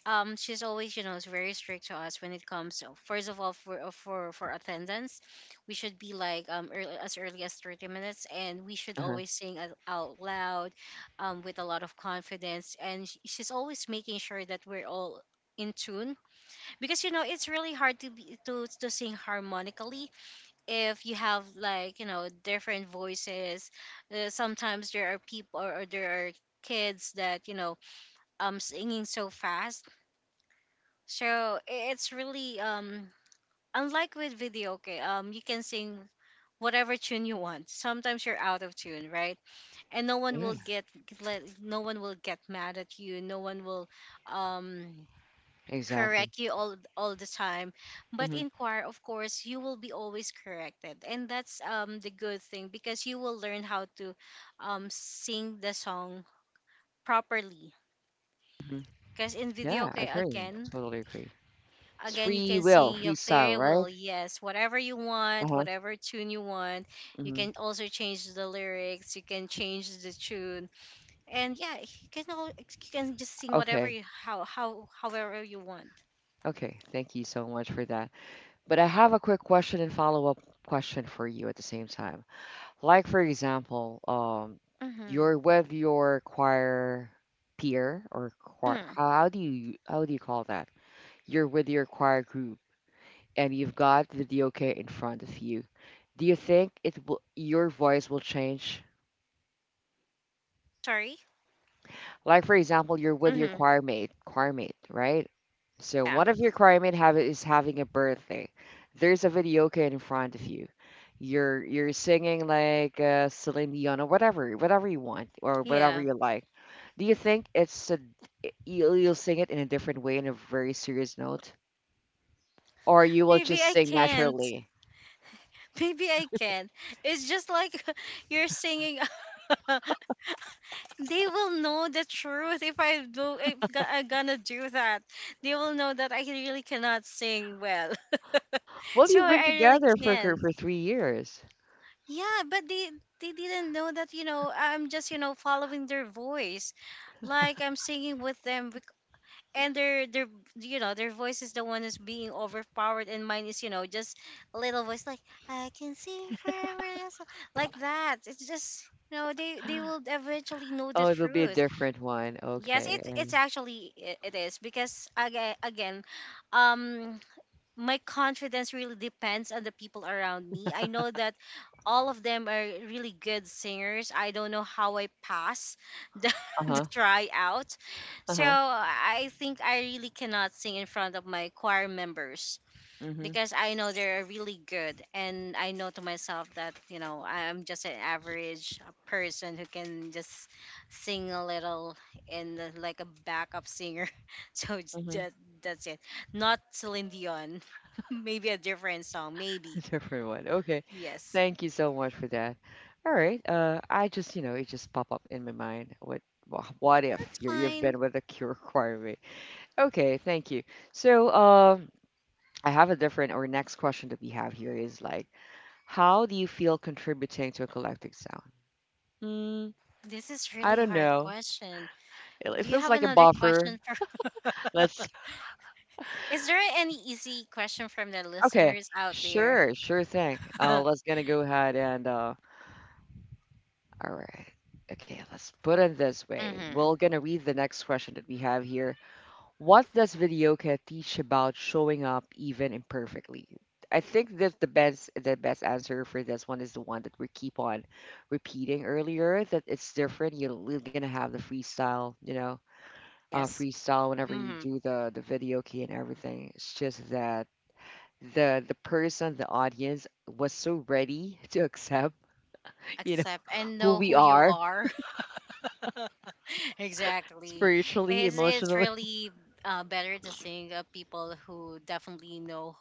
Um, she's always you know is very strict to us when it comes to, first of all for uh, for for attendance we should be like um early, as early as thirty minutes and we should Uh-huh. always sing out out loud um with a lot of confidence and sh- she's always making sure that we're all in tune because you know it's really hard to be to, to sing harmonically if you have like you know different voices, uh, sometimes there are people or, or there are kids that you know um singing so fast so i- it's really um unlike with video, okay, um you can sing whatever tune you want. Sometimes you're out of tune, right? And no one Yeah, will get let no one will get mad at you. No one will um exactly. correct you all all the time. But Hmm. in choir, of course, you will be always corrected. And that's um the good thing because you will learn how to um sing the song properly. Hmm. Because in video, Yeah, I okay, agree. again, Totally agree. It's again you free can will, sing your freestyle, right? farewell, yes, whatever you want Uh-huh. whatever tune you want, you Hmm. can also change the lyrics you can change the tune and yeah you can all you can just sing whatever Okay. you how how however you want. Okay. Thank you so much for that. But I have a quick question and follow-up question for you at the same time. Like for example, um, Mm-hmm. you're with your choir peer or choir. Mm. How, how do you how do you call that? You're with your choir group and you've got the D O K in front of you. Do you think it will your voice will change. Sorry. Like for example, you're with your Mm-hmm. choir mate, choir mate, right? So Yeah, one of your choir mate have is having a birthday. There's a videoke in front of you. You're you're singing like uh, Celine Dion or whatever, whatever you want or whatever yeah, you like. Do you think it's a, you'll, you'll sing it in a different way in a very serious note, or you will maybe just I sing can't, naturally? *laughs* maybe I can, it's just like *laughs* you're singing. *laughs* they will know the truth if I do if gi I'm gonna do that. They will know that I really cannot sing well. *laughs* Well, sure, you've been I really together for cur- can't. for three years. Yeah, but they they didn't know that you know I'm just you know following their voice, like I'm singing with them, bec- and their their you know their voice is the one who's being overpowered, and mine is you know just a little voice like I can sing forever, so- like that. It's just you know they they will eventually know the Oh, it'll be a truth. different one. Yes, Okay. it's it's actually i- it is because again, again, um, my confidence really depends on the people around me. I know that all of them are really good singers. I don't know how I pass the Uh *laughs* huh. the tryout, Uh so huh. I think I really cannot sing in front of my choir members Mhm. because I know they're really good, and I know to myself that you know I'm just an average uh, person who can just sing a little and uh, like a backup singer. *laughs* So it's Mhm. just that's it. Not Celine Dion. *laughs* Maybe a different song. Maybe *laughs* Different one. Okay. yes. Thank you so much for that. All right. Uh, I just, you know, it just pop up in my mind. What, wha- what Well, if that's you're, you've fine. been with a cure *laughs* requirement? Okay. Thank you. So, um, I have a different or next question that we have here is like, how do you feel contributing to a collective sound? Hmm. This is I really don't hard know. question. It, it Do you feels have like a another buffer. question for? Let's. *laughs* Is there any easy question from the Okay. listeners out there? Sure. Sure thing. Uh, *laughs* let's gonna go ahead and uh, All right. Okay, let's put it this way. We're Mm-hmm. going to read the next question that we have here. What does Videoka teach about showing up even imperfectly? I think that the best the best answer for this one is the one that we keep on repeating earlier that it's different. You're, you're going to have the freestyle, you know, uh, Yes. freestyle whenever you Mm-hmm. do the the video key and everything. It's just that the the person, the audience was so ready *laughs* to accept, you know, Accept and who know we who you are. are. *laughs* Exactly. Spiritually, It's it's emotionally, *laughs* really uh, better to sing uh, people who definitely know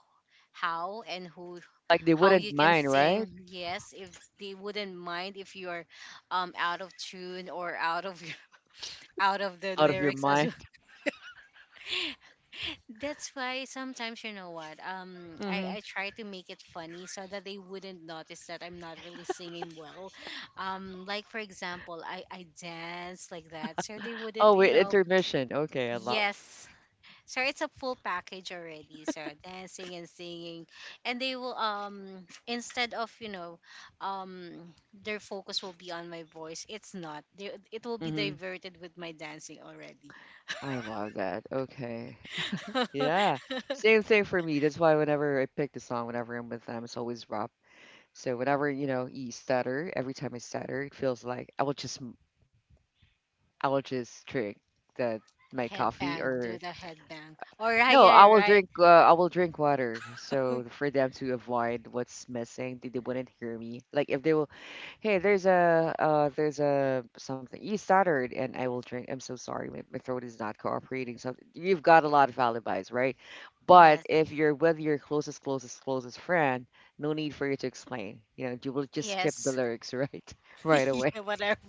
how and who like they how wouldn't you can mind, right? sing. Yes, if they wouldn't mind if you're um out of tune or out of *laughs* out of the Out of your lyrics as. mind. That's why sometimes you know what um I Hmm. I try to make it funny so that they wouldn't notice that I'm not really singing well. Um like for example, I I dance like that so they wouldn't, Oh you wait, know, intermission. Okay, I love. yes. So it's a full package already. So dancing and singing, and they will um instead of, you know, um their focus will be on my voice. It's not. They, it will be Hmm. diverted with my dancing already. I love that. Okay. Yeah. *laughs* Same thing for me. That's why whenever I pick the song, whenever I'm with them, it's always rap. So whenever, you know, you stutter, every time I stutter, it feels like I will just m- I will just drink the my coffee Headbang, do or the headbang. Or yeah, no, yeah, I will right. drink uh, I will drink water. So *laughs* for them to avoid what's missing, they, they wouldn't hear me. Like if they will Hey, there's a uh, there's a something you stuttered, and I will drink. I'm so sorry, my, my throat is not cooperating. So you've got a lot of alibis, right? But Yes, if you're with your closest, closest, closest friend, no need for you to explain. You know, you will just skip the yes. lyrics, *laughs* right? Right *laughs* away. Yeah, *laughs* whatever,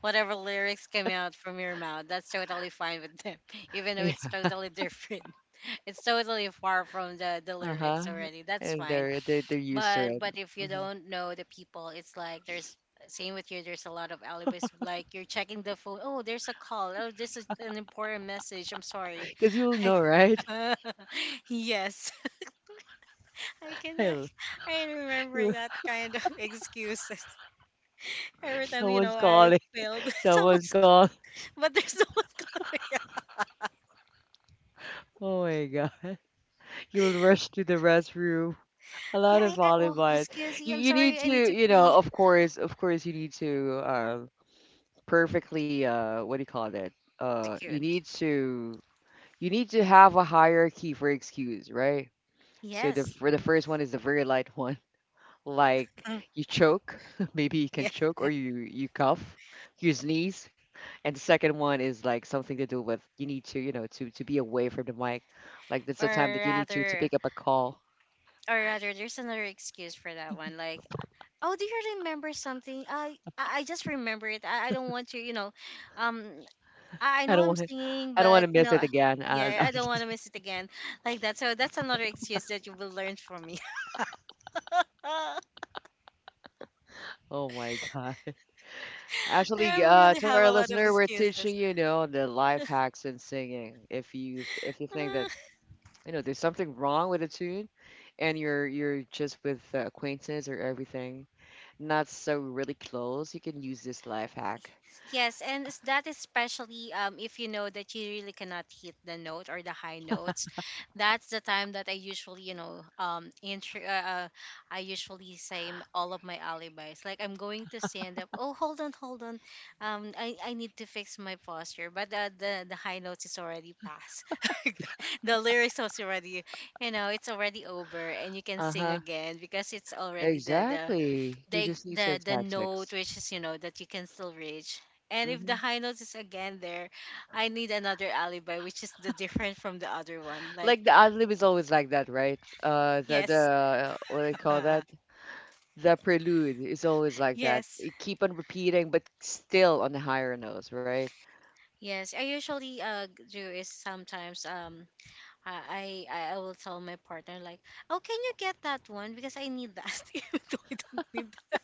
whatever lyrics come out from your mouth, that's totally fine with them, *laughs* even though Yeah. it's totally different. *laughs* It's totally far from the the lyrics Uh-huh. already. That's And fine. they're they they're used to But it. but if you Hmm. don't know the people, it's like there's same with you. There's a lot of alibis. Like you're checking the phone. Oh, there's a call. Oh, this is an important message. I'm sorry. Because you'll *laughs* know, right? Like, *laughs* yes. I *laughs* can I, I'll- I remember *laughs* that kind of *laughs* excuses. Every time you know Someone's I calling. failed, *laughs* Someone's someone's calling. c- but there's no one calling. *laughs* Yeah, Oh my God. *laughs* You'll rush to the restroom. A yeah. lot I, of I, oh, olive oil. excuse me. You I'm you need sorry. I to, need to you know, pee. of course, of course, you need to uh, perfectly uh, what do you call it? The Uh, you cute. need to you need to have a hierarchy for excuse, right? So the Yes. for the first one is the very light one, *laughs* like you choke, *laughs* maybe you can *laughs* Yeah. choke, or you you cough, you sneeze, and the second one is like something to do with you need to, you know, to to be away from the mic, like that's the time Or that you need to to rather, pick up a call. or rather, there's another excuse for that one. Like, oh, do you remember something? I I I just remember it. I, I don't want to, you know, um, I I I know don't I'm want to. singing, I don't want but to you miss know, it uh, again. Uh, yeah, I don't want to miss it again, like that. So that's another excuse that you will learn from me. *laughs* Oh my God. There Actually, I uh, really to our have a lot listener, of we're teaching excuses. you know the life hacks in singing. If you th- if you think that *laughs* you know there's something wrong with a tune, and you're you're just with uh, acquaintance or everything, not so really close, you can use this life hack. Yes, and is that especially um, if you know that you really cannot hit the note or the high notes, that's the time that I usually, you know, um, intro, uh, uh, I usually say m- all of my alibis. Like I'm going to stand up. Oh, hold on, hold on. Um, I, I need to fix my posture, but the the, the high notes is already past. *laughs* The lyrics was already, you know, it's already over, and you can sing Uh-huh. again because it's already the the Exactly. You they just need some the the note tactics. which is you know that you can still reach. And if the Hmm. high note is again there, I need another alibi which is the different from the other one, like Like the ad lib is always like that, right? Uh, the the yes, uh, what do they call that? The prelude is always like that. yes, It keep on repeating, but still on the higher notes, right? yes. I usually uh do is sometimes um I, I I will tell my partner like, oh, can you get that one because I need that *laughs* even though I don't need that.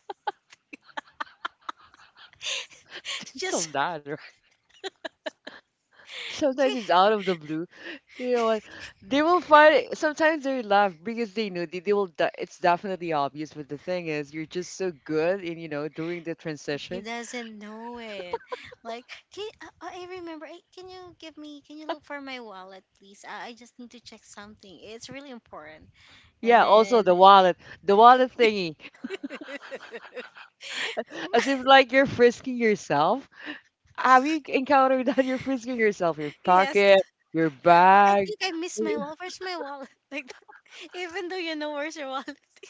*laughs* So Just that, right? Sometimes "Okay." it's out of the blue. You know what? They will find it. Sometimes they laugh because they know they, they will. de- It's definitely obvious. But the thing is, you're just so good in, you know, during the He transition. doesn't know it. Like, can, uh, I remember. eh, Can you give me? Can you look for my wallet, please? I, I just need to check something. It's really important. And Yeah. Also, then, the wallet, the wallet thingy, *laughs* as if *laughs* like you're frisking yourself. Have you encountered that? *laughs* You're frisking yourself, your yes, pocket, your oh, I bag. think I missed *laughs* my wallet. Where's my wallet? *laughs* Like that. Even though you know where's your wallet. *laughs*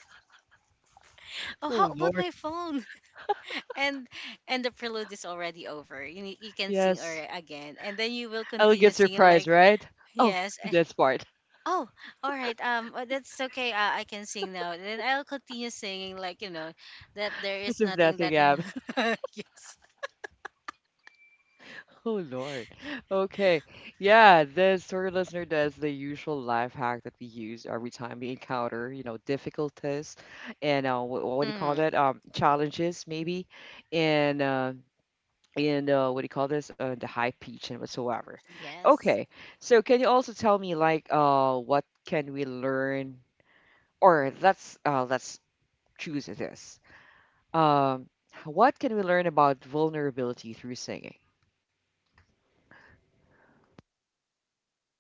Oh, how Oh about Lord. my phone? *laughs* And and the prelude is already over. You need, you can sing or Yes. again, and then you will Ellie continue gets her singing prize, like right? Oh, yes. eh, that's part. Oh, all right. Um, uh, that's okay. Uh, I can sing now. Then I'll continue singing, like you know, that there is As if nothing nothing that. happened. *laughs* *laughs* Yes. Oh Lord. Okay. Yeah, the story listener does the usual life hack that we use every time we encounter, you know, difficulties and uh, what, what do you call that? Hmm. Um, challenges maybe, and uh, and uh, what do you call this? Uh, the high pitch and whatsoever. Yes. Okay. So can you also tell me like uh, what can we learn? Or let's uh, let's choose this. Um, what can we learn about vulnerability through singing?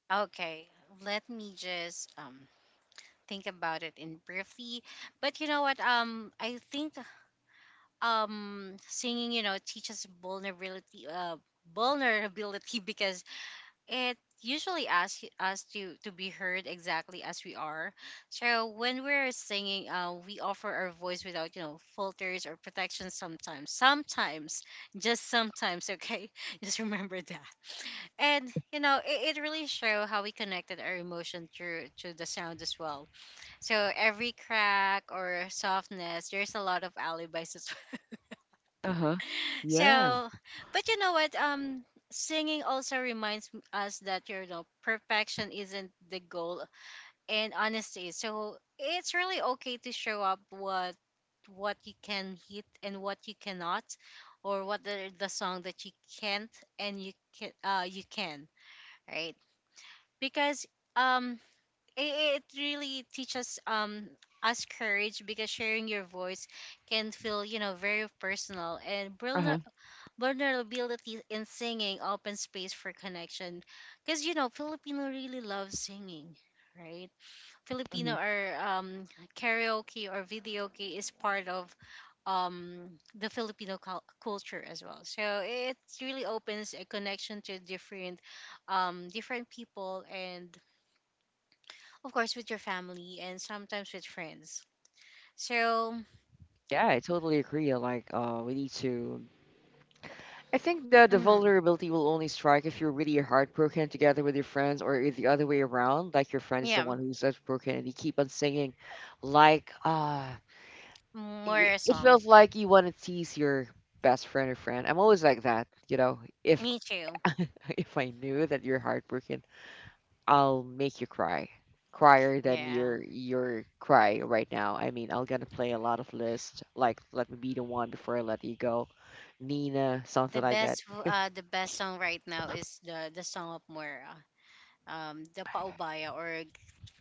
Okay. Let me just um think about it in briefly. But you know what? Um, I think um singing, you know, teaches vulnerability. Uh, vulnerability *laughs* because it usually asks y- us to to be heard exactly as we are. So when we're singing, uh, we offer our voice without you know filters or protection. Sometimes, sometimes, just sometimes. Okay, *laughs* just remember that. And you know, it, it really show how we connected our emotion through to the sound as well. So every crack or softness, there's a lot of alibis as *laughs* well. Uh huh. Yeah. So but you know what um singing also reminds m- us that you know perfection isn't the goal and honesty, so it's really okay to show up what what you can hit and what you cannot, or what the, the song that you can't, and you can uh you can, right? Because um it, it really teaches um us courage because sharing your voice can feel you know very personal and real. Uh-huh. Vulnerability in singing open space for connection because you know Filipino really love singing, right? Filipino Hmm. are um, karaoke or videoke is part of um, the Filipino cul- culture as well, so it really opens a connection to different um, different people, and of course with your family and sometimes with friends. So Yeah, I totally agree. Uh, like, uh, we need to. I think that the mm, vulnerability will only strike if you're really heartbroken together with your friends, or if the other way around, like your friend is the yeah, one who's heartbroken and you keep on singing. Like, uh, more y- a it song, feels like you want to tease your best friend or friend. I'm always like that, you know. If me too, *laughs* if I knew that you're heartbroken, I'll make you cry. Crier than yeah. your your cry right now. I mean, I'm gonna play a lot of lists, like "Let Me Be the One Before I Let You Go," Nina, The something like that. best w- uh the best song right now is the the song of Mora. Um the paubaya or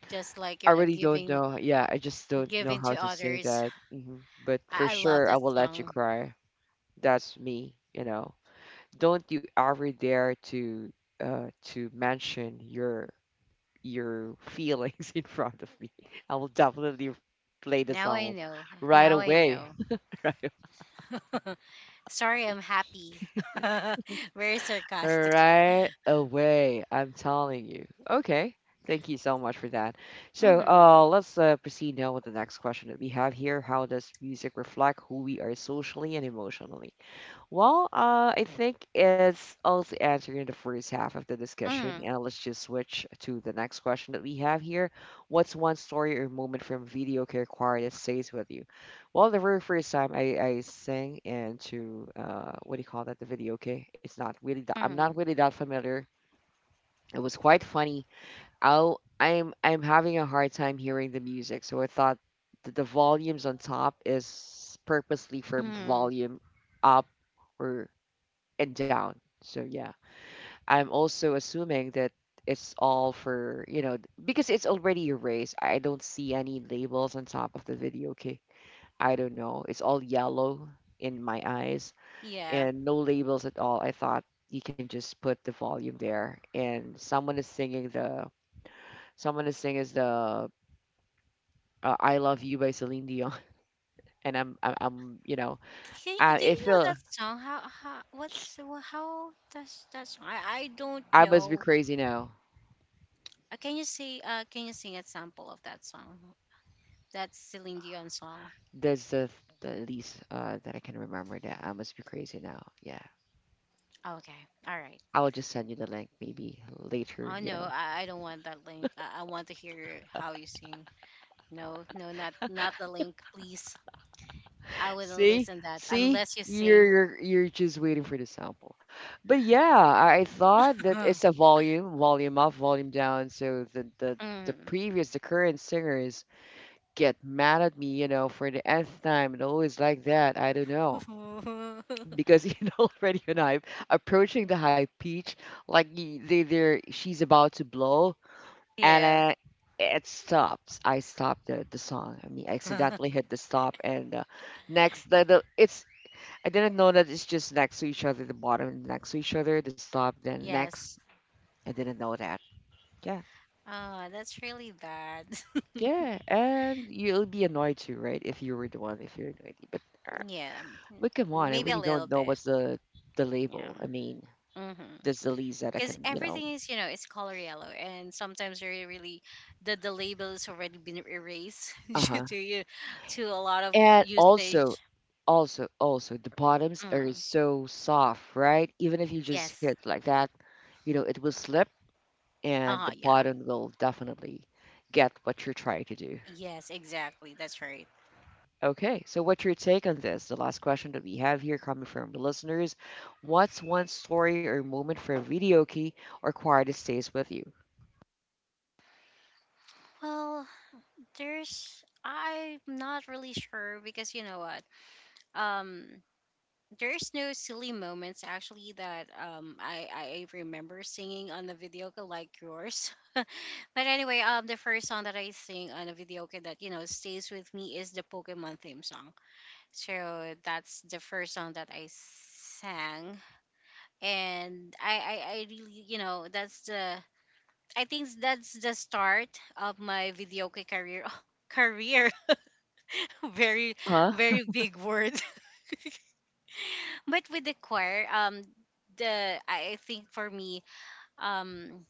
just like I you know really don't giving, know. Yeah, I just don't know giving how to to sing others. that. hmm But for I, I love sure, I that will let you song. cry. That's me, you know. Don't you ever dare to uh to mention your your feelings *laughs* in front of me. I will definitely play the Now I song know. right Now I away. know. *laughs* Sorry, I'm happy. *laughs* Very sarcastic. Right away, I'm telling you. Okay, thank you so much for that. So, Mhm. uh, let's uh, proceed now with the next question that we have here. How does music reflect who we are socially and emotionally? Well, uh, I think it's also answering the first half of the discussion, Mhm. and let's just switch to the next question that we have here. What's one story or moment from video care choir that stays with you? Well, the very first time I, I sang into uh, what do you call that? The video, okay? It's not really that, I'm not Mhm. really that familiar. It was quite funny. I'll, I'm I'm having a hard time hearing the music, so I thought the, the volumes on top is purposely from Mhm. volume up, or and down. So yeah, I'm also assuming that it's all for, you know, because it's already erased. I don't see any labels on top of the video. Okay. I don't know. It's all yellow in my eyes Yeah. and no labels at all. I thought you can just put the volume there and someone is singing the someone is singing is the uh, I Love You by Celine Dion *laughs* and I'm I'm, I'm you know, Can, I do it you know feel that song? How how what's wha- how does that song? I, I don't I must be know. crazy now. Uh, can you say uh can you sing a sample of that song? That's Celine Dion song. That's the, the least uh, that I can remember that I must be crazy now. Yeah. Okay, all right. I'll just send you the link maybe later, Oh you no, know. I, I don't want that link. I, I want to hear how you sing. No, no, not not the link, please. I wouldn't See? listen that See? unless you You're sing. you're you're just waiting for the sample. But yeah, I I thought that it's a *laughs* volume, volume up, volume down. So the the the previous, the current singers get mad at me, you know, for the nth time and always like that. I don't know. Mm. *laughs* Because *laughs* you know already when I'm approaching the high pitch, like y- they they're she's about to blow and Yeah. I, it stops. I stopped the, the song. I mean, I accidentally *laughs* hit the stop, and uh, next the, the it's I didn't know that it's just next to each other, the bottom next to each other, the stop, then Yes. next. I didn't know that. Yeah, Oh, that's really bad. *laughs* yeah, and you'll be annoyed too, right? If you were the one, if you're annoyed, but uh, Yeah. m- but come on, I Maybe a really little don't know bit. what's the the Yeah. label. I mean, Hmm, that's the least that I because can, you know. everything is you know it's color yellow and sometimes really really the the label is already been erased *laughs* Uh due huh. to you to a lot of And also, usage. also, also, the bottoms are Mm, so soft, right? Even if you just yes. hit like that, you know, it will slip and the Uh-huh, yeah, bottom will definitely get what you're trying to do. yes, exactly, that's right. Okay, so what's your take on this? The last question that we have here coming from the listeners. What's one story or moment from video key or choir that stays with you? Well, there's I'm not really sure because you know what um there's no silly moments actually that um I I remember singing on the video like yours. *laughs* But anyway, um the first song that I sing on a video that you know stays with me is the Pokemon theme song. So that's the first song that I sang. And I I, I really you know that's the I think that's the start of my video career *laughs* career *laughs* very Huh? very big word. But with the choir um the i I think for me um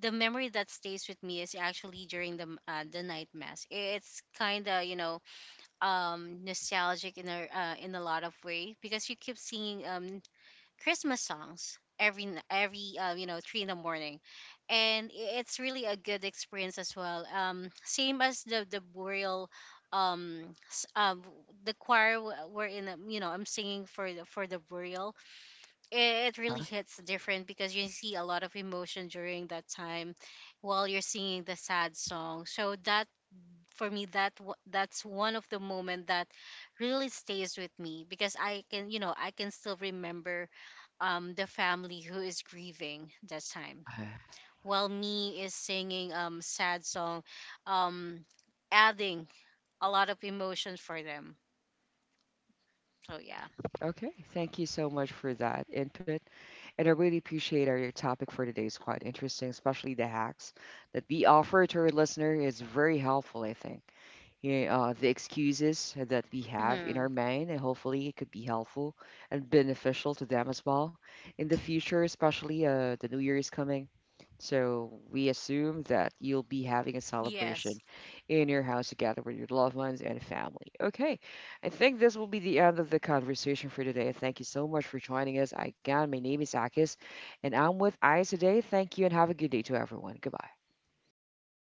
the memory that stays with me is actually during the m- uh, the night mass. It's kind of you know um nostalgic in a uh, in a lot of way because you keep singing um Christmas songs every n- every uh, you know three in the morning. And i- it's really a good experience as well. Um same as the the burial um s- um the choir w- were in um, you know I'm singing for the for the burial. It really hits different because you see a lot of emotion during that time while you're singing the sad song. So that for me that w- that's one of the moment that really stays with me because I can you know I can still remember um the family who is grieving that time Huh? while me is singing um sad song um adding a lot of emotion for them. So yeah. Okay, thank you so much for that input. And I really appreciate our your topic for today is quite interesting, especially the hacks that we offer to our listener is very helpful, I think. You know, uh, the excuses that we have in our Hmm. mind, and hopefully it could be helpful and beneficial to them as well in the future, especially uh, the new year is coming. So we assume that you'll be having a Yes. celebration in your house together with your loved ones and family. Okay, I think this will be the end of the conversation for today. Thank you so much for joining us. Again, my name is Akis, and I'm with Eyes today. Thank you and have a good day to everyone. Goodbye.